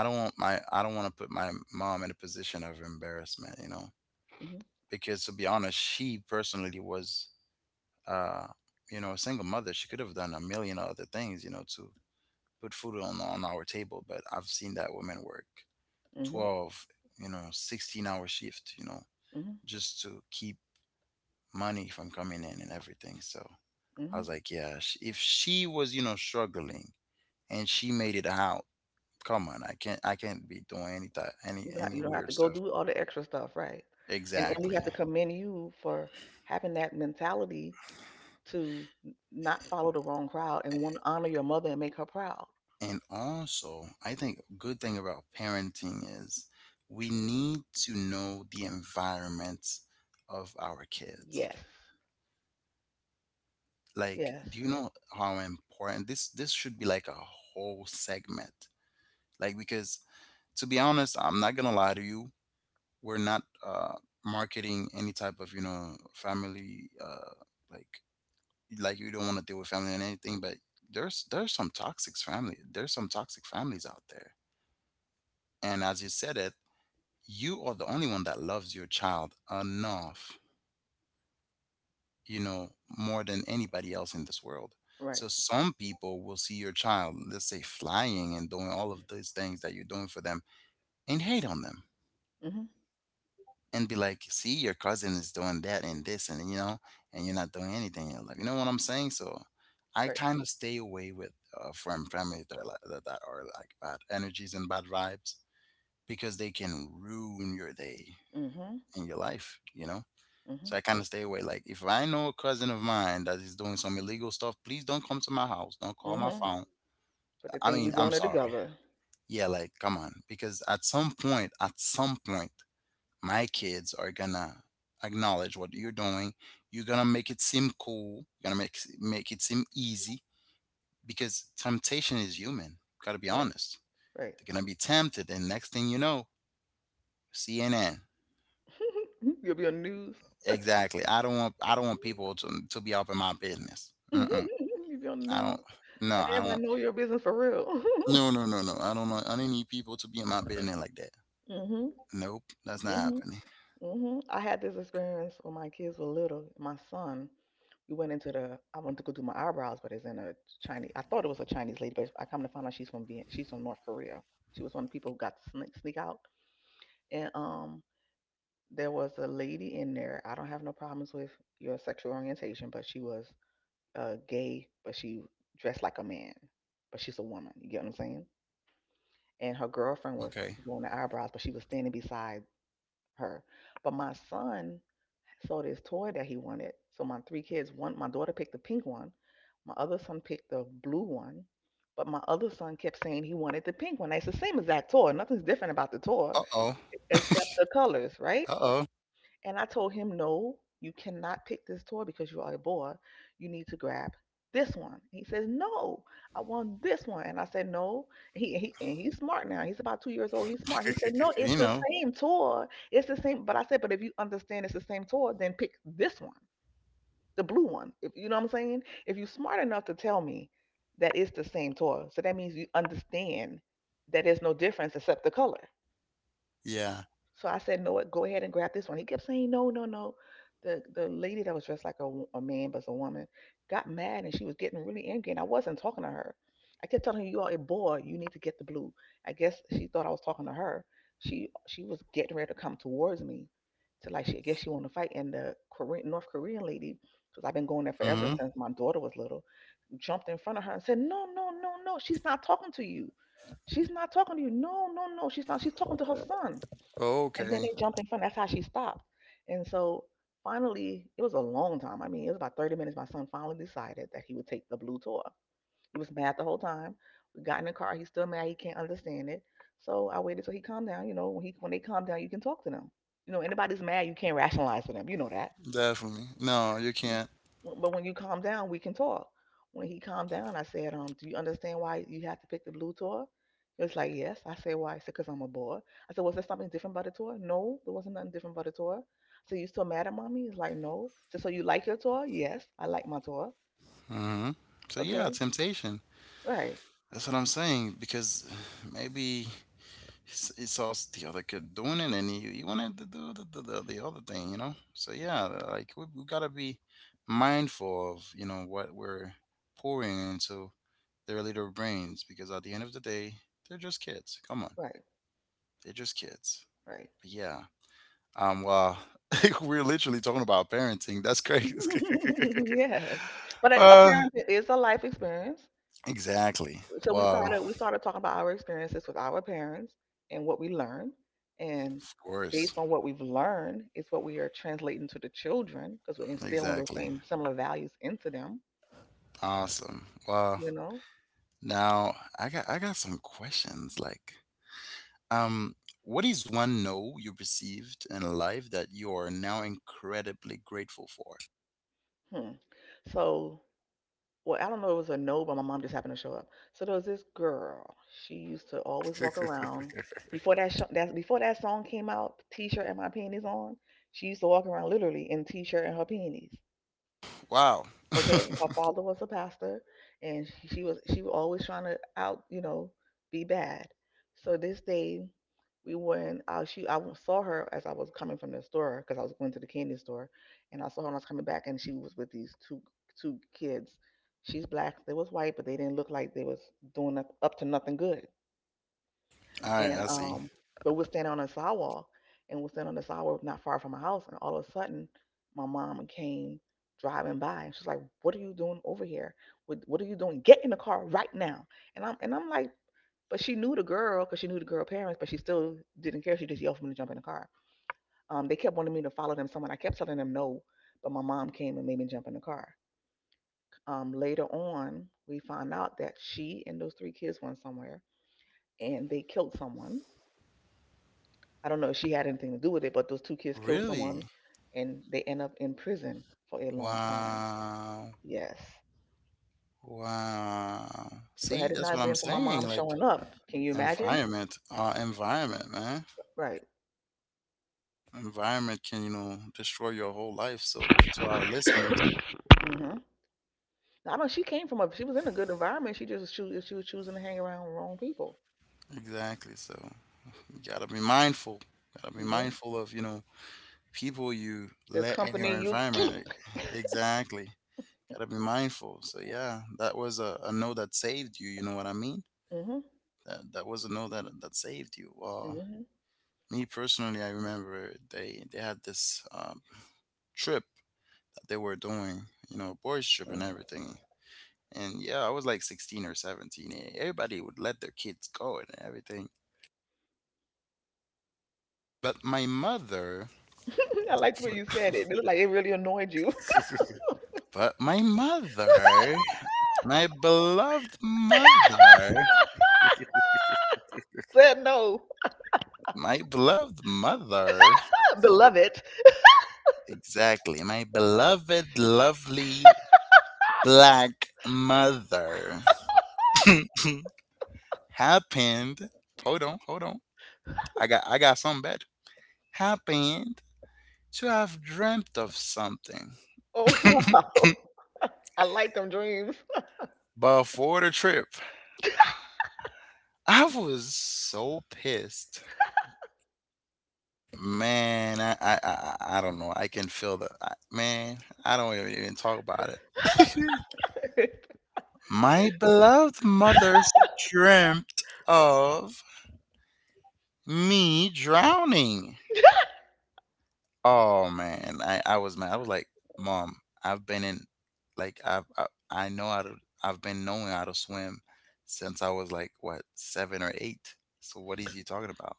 I don't want to put my mom in a position of embarrassment, you know, Hmm. because to be honest, she personally was, uh, you know, a single mother. She could have done a million other things, you know, to put food on our table. But I've seen that women work Hmm. 12, you know, 16-hour shift, you know, Hmm. just to keep money from coming in and everything. So I Hmm. was like, yeah, if she was, you know, struggling and she made it out, come on, I can't be doing You don't, ha- any you don't have weird to go stuff. do all the extra stuff, right? And we Exactly. have to commend you for having that mentality to not follow the wrong crowd and want to honor your mother and make her proud. And also, I think a good thing about parenting is we need to know the environment of our kids. Yes. Like, Yes. do you know how important this should be? Like a whole segment. Like because to be honest, I'm not gonna lie to you, we're not marketing any type of, you know, family like like you don't want to deal with family and anything, but there's some toxic families out there. And as you said it, you are the only one that loves your child enough, you know, more than anybody else in this world. Right. So some people will see your child, let's say, flying and doing all of these things that you're doing for them, and hate on them Mhm. and be like, see, your cousin is doing that and this, and, you know, and you're not doing anything in, are like, you know what I'm saying? So I Right. kind of stay away with, from families that are, like, that are like bad energies and bad vibes because they can ruin your day Mhm. and your life, you know? So Mhm. I kind of stay away. Like if I know a cousin of mine that is doing some illegal stuff, please don't come to my house. Don't call my Mhm. phone. But the I thing we mean, I'm doing it sorry. together. Yeah, like come on, because at some point, my kids are gonna acknowledge what you're doing. You're gonna make it seem cool. You're gonna make it seem easy because temptation is human. Gotta be Right. honest. Right. They're gonna be tempted, and next thing you know, CNN. [LAUGHS] You'll be on the news. Exactly. I don't want people to be up in my business. [LAUGHS] Mm-mm. You'll be on the I don't. news, No, and I everybody don't. know your business for real. [LAUGHS] No, no, no, no. I don't need people to be in my business like that. Mhm. Nope, that's not Mhm. happening. Hmm. I had this experience when my kids were little. My son, we went into the. I wanted to go do my eyebrows, but it's in a Chinese. I thought it was a Chinese lady, but I come to find out she's from North Korea. She was one of the people who got to sneak out. And there was a lady in there. I don't have no problems with your sexual orientation, but she was gay, but she dressed like a man, but she's a woman. You get what I'm saying? And her girlfriend was Okay. doing the eyebrows, but she was standing beside her. But my son, so this toy that he wanted. So my three kids, one, my daughter picked the pink one, my other son picked the blue one, but my other son kept saying he wanted the pink one. It's the same exact toy. Nothing's different about the toy Uh oh. except the colors, right? Uh oh. And I told him, no, you cannot pick this toy because you are a boy. You need to grab this one. He says, "No, I want this one." And I said, "No." And he's smart now. He's about 2 years old. He's smart. He said, "No, [LAUGHS] it's You the know. same toy. It's the same." But I said, "But if you understand it's the same toy, then pick this one, the blue one. If you know what I'm saying. If you're smart enough to tell me that it's the same toy, so that means you understand that there's no difference except the color." Yeah. So I said, "No, what? Go ahead and grab this one." He kept saying, "No, no, no." The lady that was dressed like a man but was a woman got mad and she was getting really angry, and I wasn't talking to her. I kept telling her, "You are a boy. You need to get the blue." I guess she thought I was talking to her. She was getting ready to come towards me, to like she I guess she wanted to fight. And the Korean North Korean lady, because I've been going there forever Mm-hmm. since my daughter was little, jumped in front of her and said, "No, no, no, no. She's not talking to you. She's not talking to you. No, no, no. She's not. She's talking to her son." And then Okay. they jumped in front. That's how she stopped. And so finally, it was a long time. I mean, it was about 30 minutes. My son finally decided that he would take the blue tour. He was mad the whole time. We got in the car. He's still mad. He can't understand it. So I waited till he calmed down. You know, when he when they calm down, you can talk to them. You know, anybody's mad, you can't rationalize with them. Definitely. No, you you- can't. but when you calm down, we can talk. When he calmed down, I said, "Do you understand why you have to pick the blue tour?" He was like, "Yes." I said, "Why?" He said, "Because I'm a boy." I said, "Was there something different about the tour?" "No, there wasn't nothing different about the tour. So you still mad at mommy?" He's like, "No." "So, so you like your tour?" "Yes, I like my tour." Mm-hmm. So yeah, Okay, temptation. right, That's what I'm saying because maybe he saw the other kid doing it, and he wanted to do the, the other thing, you know. So yeah, like we gotta be mindful of, you know, what we're pouring into their little brains because at the end of the day, they're just kids. Come on, right, they're just kids. right. But yeah, well, [LAUGHS] we're literally talking about parenting. That's crazy. [LAUGHS] yes, but [LAUGHS] uh, apparently it is a life experience. exactly. So we Well, started we started talking about our experiences with our parents and what we learned, and of course, based on what we've learned is what we are translating to the children because we're instilling the exactly. same similar values into them, Awesome. Well, you know. now I got some questions. Like, um, what is one no you received in life that you are now incredibly grateful for? Hmm. So, well, I don't know it was a no, but my mom just happened to show up. So there was this girl, she used to always walk around before that, before that song came out, "T-shirt and my panties on." She used to walk around literally in t-shirt and her panties. [LAUGHS] Wow. Okay, her [LAUGHS] father was a pastor, and she was always trying to out you know be bad. So this day, we went. She I saw her as I was coming from the store because I was going to the candy store, and I saw her when I was coming back, and she was with these two kids. She's black, they was white, but they didn't look like they was doing up to nothing good. All right, And I see. But we're standing on a sidewalk, and we're standing on the sidewalk not far from my house, and all of a sudden, my mom came driving by, and she's like, "What are you doing over here? What are you doing? Get in the car right now!" And I'm like, but she knew the girl because she knew the girl parents, but she still didn't care. She just yelled for me to jump in the car. They kept wanting me to follow them somewhere. I kept telling them no, but my mom came and made me jump in the car. Later on, we found out that she and those three kids went somewhere, and they killed someone. I don't know if she had anything to do with it, but those two kids killed Really? someone and they end up in prison for a long time. Wow. Yes. Wow. So See, had it that's not what I'm been for my saying. mom Like showing up, can you imagine? environment, environment, man. Right. Environment can, you know, destroy your whole life. So to our listeners, Hmm. I know she was in a good environment. She just she was choosing to hang around wrong people. exactly. So you gotta be mindful. Gotta be Hmm. mindful of, you know, people you The let in company your you environment. keep. Exactly. Gotta be mindful. So yeah, that was a no that saved you. You know what I mean? Hmm. That was a no that saved you. Hmm. Me personally, I remember they had this trip that they were doing, you know, boys trip and everything. And yeah, I was like 16 or 17. And everybody would let their kids go and everything. But my mother, [LAUGHS] I liked the way you said it. It looked like it really annoyed you. [LAUGHS] but my mother, my beloved mother, Said no. My beloved mother, [LAUGHS] beloved. exactly, my beloved, lovely black mother [LAUGHS] happened. Hold on, hold on. I got something better. Happened to have dreamt of something Oh, [LAUGHS] [LAUGHS] wow. I like them dreams. before the trip. I was so pissed. Man, I don't know. I can feel the I, man, I don't even talk about it. [LAUGHS] [LAUGHS] My beloved mother dreamt of me drowning. Oh man, I was mad. I was like, "Mom, I've been in, like, I know how to. I've been knowing how to swim since I was like what seven or eight. So what is you talking about?"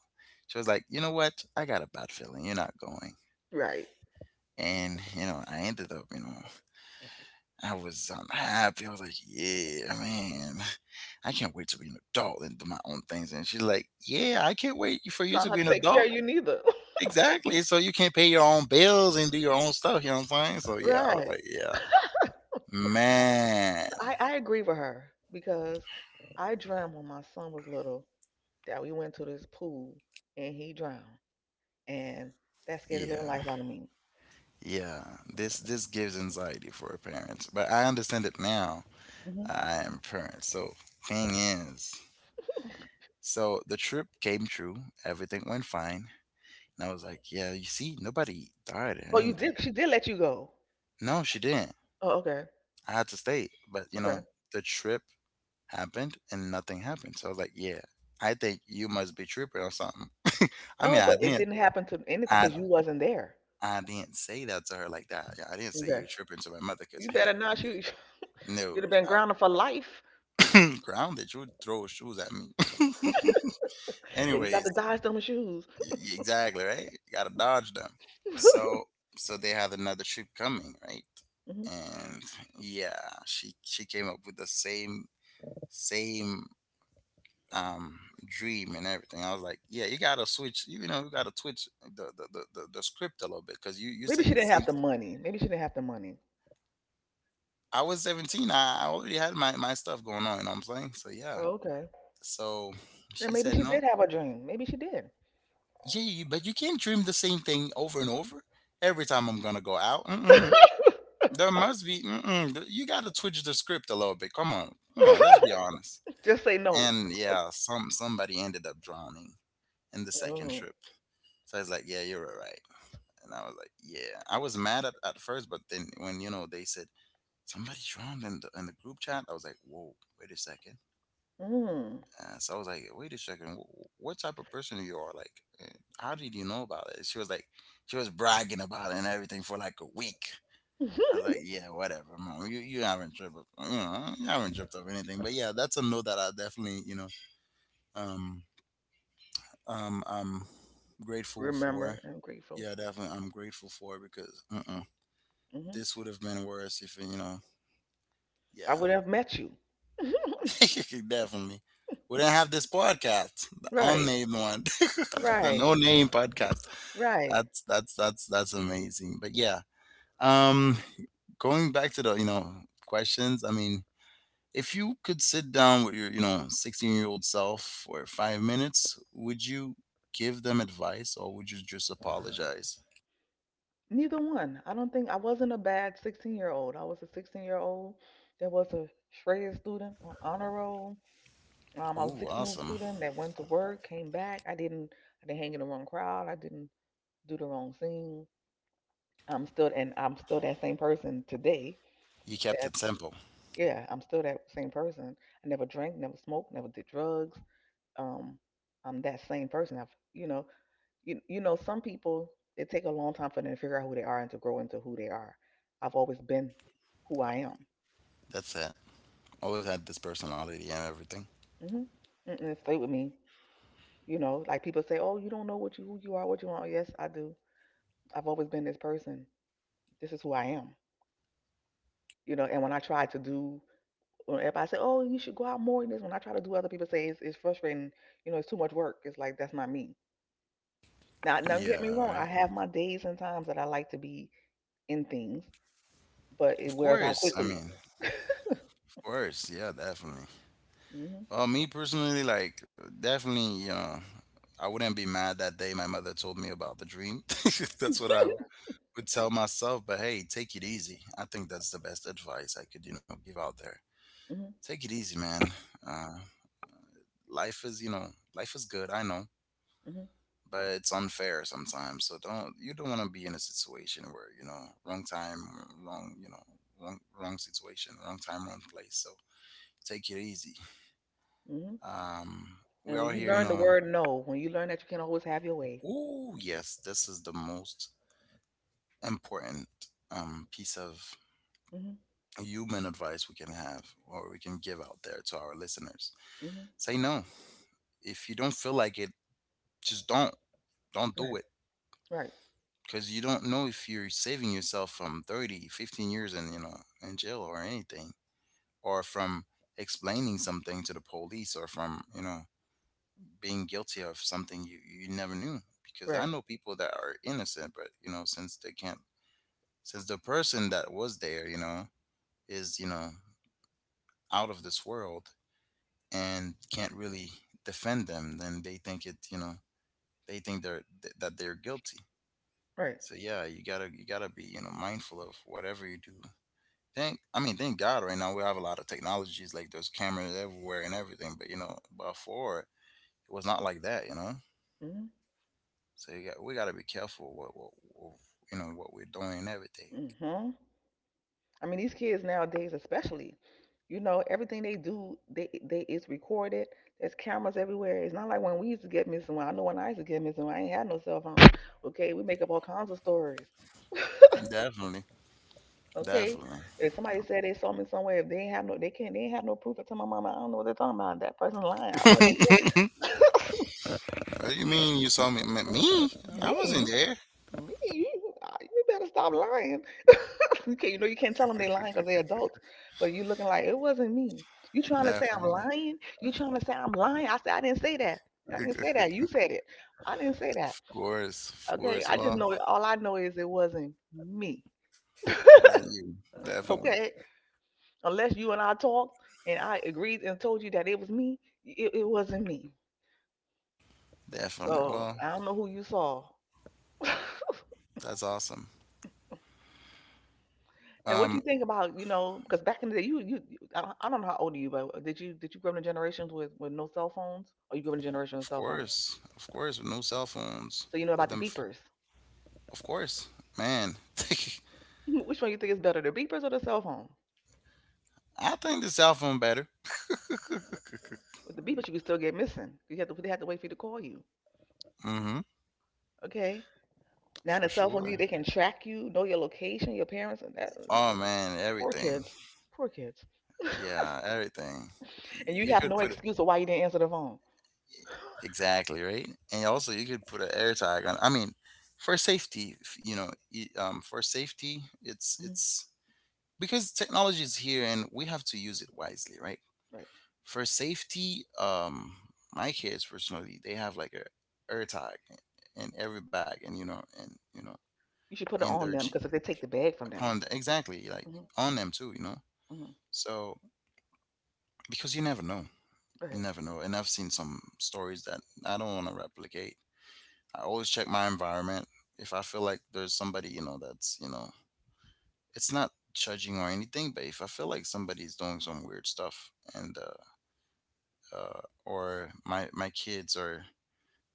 She was like, "You know what? I got a bad feeling. You're not going." Right. And you know, I ended up. You know, I was unhappy. I was like, "Yeah, man, I can't wait to be an adult and do my own things." And she's like, "Yeah, I can't wait for So you I to don't be have an to take care adult." of you neither. Exactly, so you can not pay your own bills and do your own stuff, you know what I'm saying? So, [LAUGHS] yeah, I was Right. like, yeah. Man. I agree with her because I dreamt when my son was little that we went to this pool and he drowned. And that scared the living Yeah, life out of me. yeah. This gives anxiety for parents, but I understand it now. Hmm. I am a parent, so thing is so the trip came true, everything went fine, and I was like, "Yeah, you see, nobody died or Oh, you anything." did? She did let you go. No, she didn't. Oh, okay. I had to stay, but, you Okay. know, the trip happened and nothing happened. So I was like, yeah, I think you must be tripping or something. [LAUGHS] I mean, No, I but it didn't, didn't happen to anything I, because you wasn't there. I didn't say that to her like that. Yeah, I didn't say Okay. you were tripping to my mother You because hey, better not. [LAUGHS] No, you'd have been grounded for life. I, [COUGHS] [CLEARS THROAT] grounded. You would throw shoes at me. [LAUGHS] Yeah, you got Anyways, to dodge them shoes. Exactly right. You gotta dodge them. [LAUGHS] Mhm. So, so they had another trip coming, right? And yeah, she came up with the same um dream and everything. I was like, yeah, you gotta switch, you know, you gotta twitch the script a little bit because you're Maybe she saying the didn't same. have the money. Maybe she didn't have the money. I was 17. I already had my, my stuff going on, you know what I'm saying? So yeah, Oh, okay. so Then she maybe said she no. did have a dream. Maybe she did. Yeah, you, but you can't dream the same thing over and over every time I'm gonna go out. Mm-mm. [LAUGHS] There must be mm-mm. You gotta twitch the script a little bit. Come on, come on, let's be honest. Just say no. And yeah, somebody ended up drowning in the second Oh. trip. So I was like, yeah, you're right. And I was like, yeah. I was mad at first, but then when, you know, they said somebody drowned in the group chat, I was like, whoa, wait a second. Mm. So I was like, wait a second, what type of person you are? Like, eh, how did you know about it? She was like, she was bragging about it and everything for like a week. I was like, [LAUGHS] yeah, whatever, mom. You haven't tripped, you know, you haven't tripped up anything. But yeah, that's a note that I definitely, um, I'm grateful for. Remember, I'm grateful. Yeah, definitely, I'm grateful for because mm-mm. Hmm. This would have been worse if you know. I Yeah, would have met you. [LAUGHS] [LAUGHS] definitely. We didn't have this podcast, the right, unnamed one, [LAUGHS] the right, no name podcast. right. That's amazing. But yeah, um, going back to the you know questions. I mean, if you could sit down with your you know 16 year old self for 5 minutes, would you give them advice or would you just apologize? Neither one. I don't think I wasn't a bad 16-year-old. I was a 16-year-old that was a shredded student on honor roll. I was a Ooh, 16-year-old awesome! student that went to work, came back. I didn't hang in the wrong crowd. I didn't do the wrong thing. And I'm still that same person today. You kept That, it simple. yeah, I'm still that same person. I never drank, never smoked, never did drugs. Um, I'm that same person. You know, you know, some people it take a long time for them to figure out who they are and to grow into who they are. I've always been who I am. That's it. Always had this personality and everything. Mm-hmm. Mm-mm, stay with me. You know, like people say, oh, you don't know what you who you are, what you want. Yes, I do. I've always been this person. This is who I am, you know. And when I try to do, when everybody say, "Oh, you should go out more," in this when I try to do, other people say it's frustrating. You know, it's too much work. It's like that's not me. Now, don't get me Yeah, wrong. I right. have my days and times that I like to be in things, but it Of wears out course. I quickly. mean, of course. Yeah, definitely. Mhm, Well, me personally, like, definitely, you know, I wouldn't be mad that day my mother told me about the dream. [LAUGHS] That's what I would tell myself. But hey, take it easy. I think that's the best advice I could, you know, give out there. mhm, Take it easy, man. Uh, life is, you know, life is good. I know, mhm, but it's unfair sometimes. So don't, you don't want to be in a situation where, you know, wrong time, wrong, you know, wrong, wrong situation, wrong time, wrong place. So take it easy. mhm. Um, we And are when you here, you learn the know. word no, when you learn that you can not always have your way. Oh, yes, this is the most important piece of Mhm, human advice we can have or we can give out there to our listeners. mhm. Say no. If you don't feel like it, just don't. Don't do Right, it right, because you don't know if you're saving yourself from 30, 15 years in, you know, in jail or anything or from explaining something to the police or from, you know, being guilty of something you never knew because I right, know people that are innocent but you know since they can't since the person that was there you know is you know out of this world and can't really defend them, then they think it, you know, they think that they're guilty. right. So yeah, you gotta be, you know, mindful of whatever you do. Thank I mean Thank god right now we have a lot of technologies like there's cameras everywhere and everything, but you know before it was not like that, you know. Mhm, So we got to be careful what you know what we're doing and everything. mhm. I mean, these kids nowadays, especially, you know, everything they do, they is recorded. There's cameras everywhere. It's not like when we used to get missing. Well, I know when I used to get missing, I ain't had no cell phone. Okay, we make up all kinds of stories. Definitely, Okay, definitely. if somebody said they saw me somewhere, if they ain't have no, they can't, they ain't have no proof. I tell my mama, I don't know what they're talking about. That person's lying. I wasn't there. [LAUGHS] What do you mean you saw me? Me? I wasn't me? there. Me? You better stop lying. [LAUGHS] You can't, you know, you can't tell them they lying because they're adults. But you looking like it wasn't me. You trying to say I'm Definitely. lying? You trying to say I'm lying? I said I didn't say that. I didn't say that. [LAUGHS] You said it. I didn't say that. Of course, of Okay. course. I just Well, know it. All I know is it wasn't me. wasn't you? Definitely, Okay. Unless you and I talked and I agreed and told you that it was me, it wasn't me. definitely. So Well, I don't know who you saw. [LAUGHS] that's awesome. And what do Um, you think about, you know, because back in the day, I don't know how old are you, but did you grow up in generations with no cell phones, or you grew up in a generation with cell phones? Of course, with no cell phones, So you know with about the them, beepers. of course, man. [LAUGHS] [LAUGHS] Which one you think is better, the beepers or the cell phone? I think the cell phone better. [LAUGHS] With the beepers, you can still get missing. You have to, they have to wait for you to call you. Mm-hmm, Okay. Now in for the cell phone, sure. you they can track you, know your location, your parents, and that. Uh, Oh man, poor everything. kids. Poor kids. Yeah, everything. [LAUGHS] and you You have could no put it excuse of why you didn't answer the phone. exactly right, and also you could put an air tag on. I mean, for safety, you know, for safety, it's Hmm. it's because technology is here and we have to use it wisely, right? Right. For safety, my kids personally, they have like a air tag in every bag, and you know, You should put it in their on them because if they take the bag from upon them. the, exactly like Hmm. on them too, you know. Hmm. So because you never know. You Right. never know. And I've seen some stories that I don't want to replicate. I always check my environment. If I feel like there's somebody, you know, that's, you know, it's not judging or anything, but if I feel like somebody's doing some weird stuff and, or my kids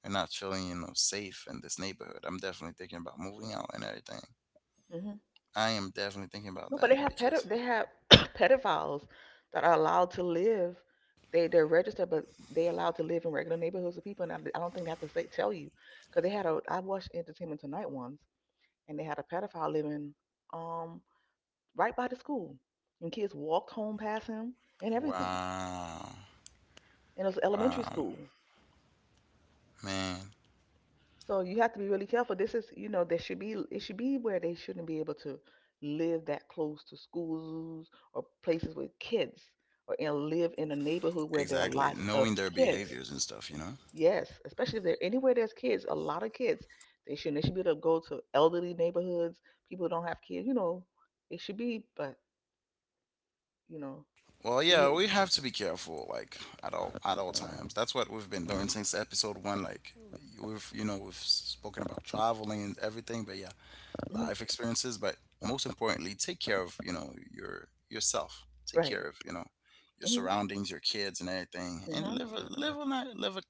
are not feeling, you know, safe in this neighborhood, I'm definitely thinking about moving out and everything. Hmm. I am definitely thinking about No, but that they have because, they have [COUGHS] pedophiles that are allowed to live. They're registered, but they allowed to live in regular neighborhoods of people. And I don't think they have to say tell you because they had a I watched Entertainment Tonight once, and they had a pedophile living um right by the school, and kids walked home past him and everything. wow, And it was elementary wow, school. man. So you have to be really careful. This is, there should be where they shouldn't be able to live that close to schools or places with kids or and live in a neighborhood where there are Exactly. lots of Knowing their kids. behaviors and stuff, you know? Yes, especially if there anywhere there's kids, a lot of kids. They shouldn't they should be able to go to elderly neighborhoods, people who don't have kids, it should be, but you know, Well, so yeah, you, we have to be careful, like at all times. That's what we've been doing since episode one. Like we've you know we've spoken about traveling and everything, but yeah, mhm, life experiences. But most importantly, take care of you know yourself. Take care right. of you know your Hmm. surroundings, your kids, and everything, and Hmm. live a live a ni- live a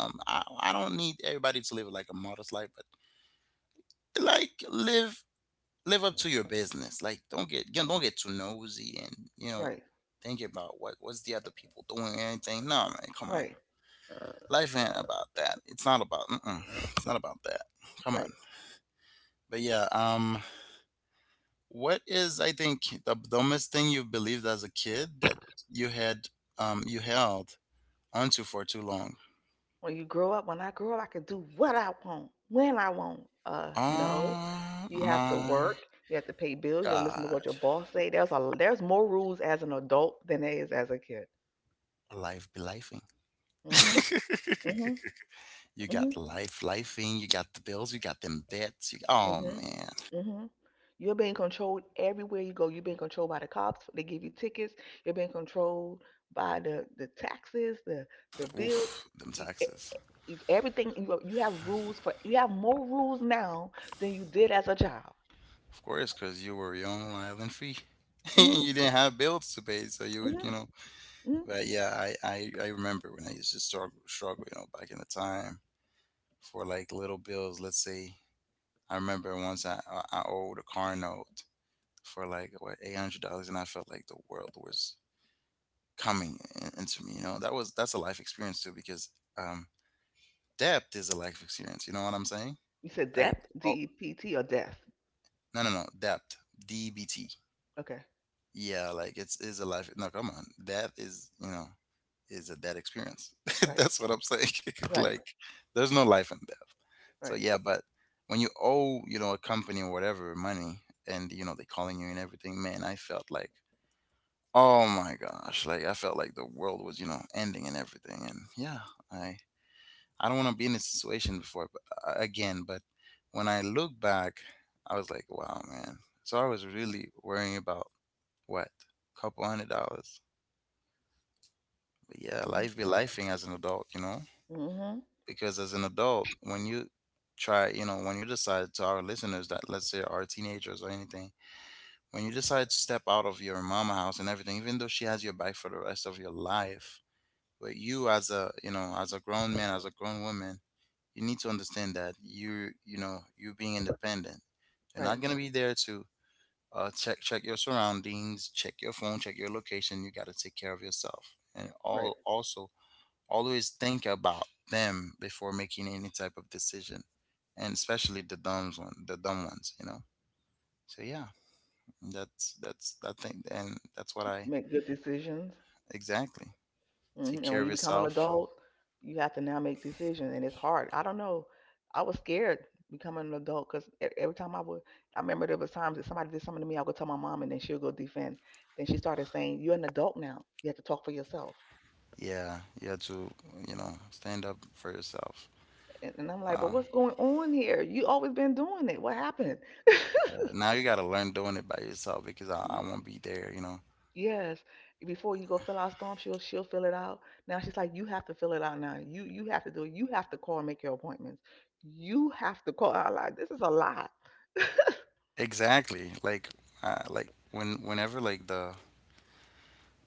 um. I don't need everybody to live like a modest life, but like live up to your business. Like don't get you know, don't get too nosy and you know Right. think about what what's the other people doing or anything. No man, come on. Right. Life ain't about that. It's not about mm-mm. It's not about that. Come on. Right. But yeah, what is I think the dumbest thing you believed as a kid that you had you held onto for too long? When I grow up, I can do what I want, when I want. No, Oh you have to my work. You have to pay bills. You listen to god, what your boss say. There's a there's more rules as an adult than there is as a kid. life be lifing. Mhm. Mhm. [LAUGHS] You got Mhm. life lifing, you got the bills, you got them debts. You, oh Mhm. man, Mhm. You're being controlled everywhere you go. You're being controlled by the cops. They give you tickets. You're being controlled by the taxes, the bills. oof, them You, e- taxes. you, everything you have rules for. You have more rules now than you did as a child. Of course, because you were your own island free. [LAUGHS] Mhm. You didn't have bills to pay, so you would, Hmm. you know. Hmm. But yeah, I remember when I used to struggle, you know, back in the time for like little bills. Let's say I remember once I owed a car note for like what $800, and I felt like the world was into me. You know, that was that's a life experience too, because um depth is a life experience. You know what I'm saying? You said Like, depth, oh, DEPT, or depth. No, depth. DBT. Okay. Yeah, like it's is a life. No, come on, that is you know is a dead experience. [LAUGHS] Right. That's what I'm saying. [LAUGHS] Right. like, there's no life in death. So Right. yeah, but when you owe, you know, a company or whatever money, and you know they calling you and everything, man, I felt like oh my gosh, like I felt like the world was, you know, ending and everything, and yeah, I I don't want to be in this situation before but, again. But when I look back, I was like, wow, man. So I was really worrying about what? Couple $100. But yeah, Hmm. life be lifing as an adult, you know? Hmm. Because as an adult, when you try, you know, when you decide to our listeners that let's say are teenagers or anything, when you decide to step out of your mama house and everything, even though she has your back for the rest of your life, but you as a, you know, as a grown man, as a grown woman, you need to understand that you being independent, you're Right. not going to be there to check your surroundings, check your phone, check your location. You got to take care of yourself and Right. all, also always think about them before making any type of decision, and especially the dumb ones, you know. So yeah, that's that thing, and that's what I Make good decisions. exactly. Hmm. Take And care when of you become an yourself. adult, you have to now make decisions, and it's hard. I don't know. I was scared becoming an adult because every time I remember there was times that somebody did something to me. I would tell my mom, and then she'll go defend. Then she started saying, "You're an adult now. You have to talk for yourself." Yeah, you have to, you know, stand up for yourself. And I'm like, Wow. "But what's going on here? You always been doing it. What happened?" Yeah, now you gotta learn doing it by yourself because I won't be there, you know. Yes, before you go fill out storm, she'll fill it out. Now she's like, you have to fill it out now. You have to do it. You have to call and make your appointments. You have to call. I like this is a lot. Exactly. Like when whenever like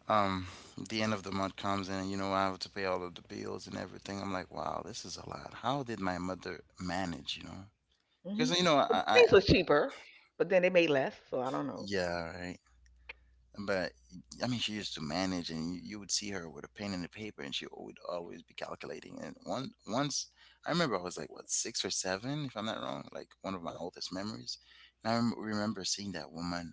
um the end of the month comes and you know I have to pay all of the bills and everything, I'm like, wow, this is a lot. How did my mother manage, you know? Hmm. Because you know But I things were cheaper, but then they made less, so I don't know, yeah, right. But I mean, she used to manage, and you would see her with a pen and a paper, and she would always be calculating. And one once, I remember I was like what, six or seven, if I'm not wrong, like one of my oldest memories. And I remember seeing that woman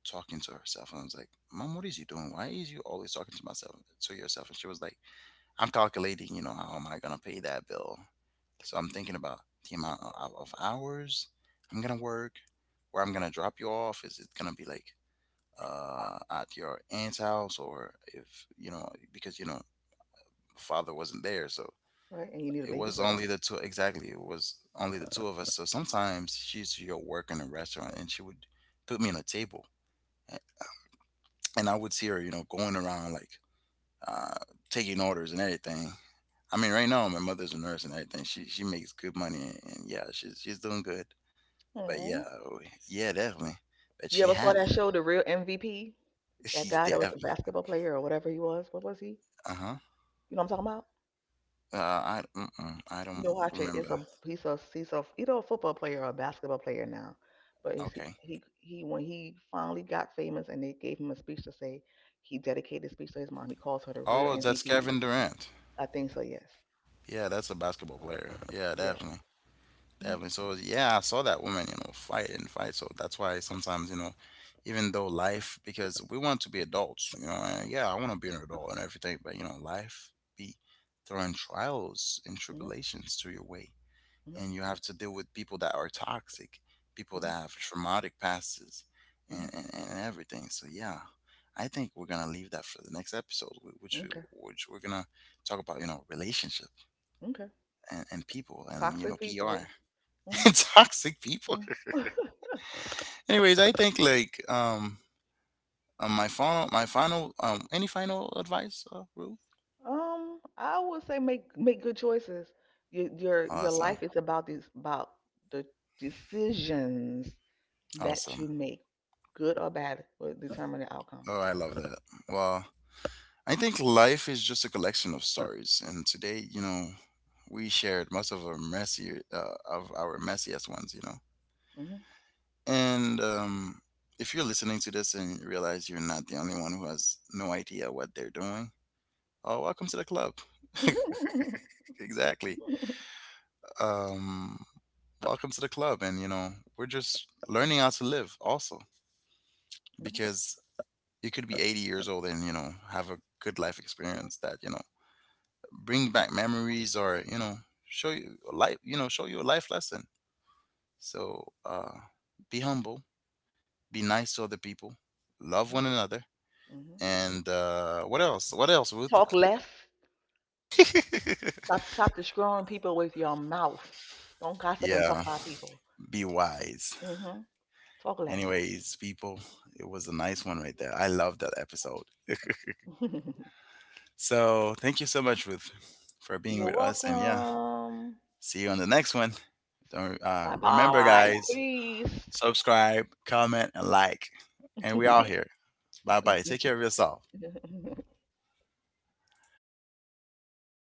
talking to herself, and I was like, "Mom, what is you doing? Why is you always talking to myself to yourself?" And she was like, "I'm calculating. You know, how am I gonna pay that bill? So I'm thinking about the amount of hours I'm gonna work, where I'm gonna drop you off. Is it gonna be like at your aunt's house or if you know because you know father wasn't there so right? And you need a it was babysitter. only the two exactly it was only the two of us." So sometimes she used to go work in a restaurant and she would put me on a table a- and I would see her, you know, going around like uh, taking orders and everything. I mean, right now my mother's a nurse and everything. She makes good money, and yeah, she's doing good. But yeah. Aw. Oh, yeah, definitely. But You she ever saw had that it. show, The Real MVP? [LAUGHS] That She's guy that was a definitely. basketball player or whatever he was. What was he? Uh-huh. You know what I'm talking about? I, I don't No, Hachette is remember. a he's a either a football player or a basketball player now. But Okay. He when he finally got famous and they gave him a speech to say he dedicated his speech to his mom. He calls her the real Oh, that's MVP. Kevin Durant. I think so. Yes. Yeah, that's a basketball player. Yeah, Yes. definitely. Mm-hmm. Definitely. So yeah, I saw that woman, you know, fight and fight. So that's why sometimes, you know, even though life, because we want to be adults, you know, and yeah, I want to be an adult and everything, but, you know, life be throwing trials and Mm-hmm. tribulations to your way. And you have to deal with people that are toxic, people that Mm-hmm. have traumatic pasts, and, Mm-hmm. and, and everything. So yeah, I think we're gonna leave that for the next episode, Okay. which we're gonna talk about, you know, relationship Okay. and people and you know Toxic PR people. [LAUGHS] Hmm. and toxic people. Hmm. [LAUGHS] [LAUGHS] Anyways, I think like my final any final advice, Ruth? I would say make good choices. Your life Awesome, is about the decisions that you awesome. make, good or bad, will determine the outcome. Oh, I love that. Well, I think life is just a collection of stories, and today, you know, we shared most of our messy, of our messiest ones, you know. Hmm. And if you're listening to this and you realize you're not the only one who has no idea what they're doing, oh, welcome to the club. [LAUGHS] Mhm. [LAUGHS] Exactly. Um, welcome to the club, and you know, we're just learning how to live, also, because you could be 80 years old and you know have a good life experience that you know bring back memories, or you know show you a life, you know, show you a life lesson. So be humble, be nice to other people, love one Mhm. another. Mhm. [LAUGHS] And what else, what else, Ruth? Talk less. [LAUGHS] Stop destroying people with your mouth. Don't gossip and talk Yeah, about people. be wise. Hmm. Talk less. Anyways, people, it was a nice one right there. I love that episode. [LAUGHS] [LAUGHS] So thank you so much, Ruth, for being You're with us. And yeah, welcome. see you on the next one. Don't, Bye remember bye. guys, Peace. subscribe, comment, and like. And we all here. [LAUGHS] Bye bye. Take care of yourself.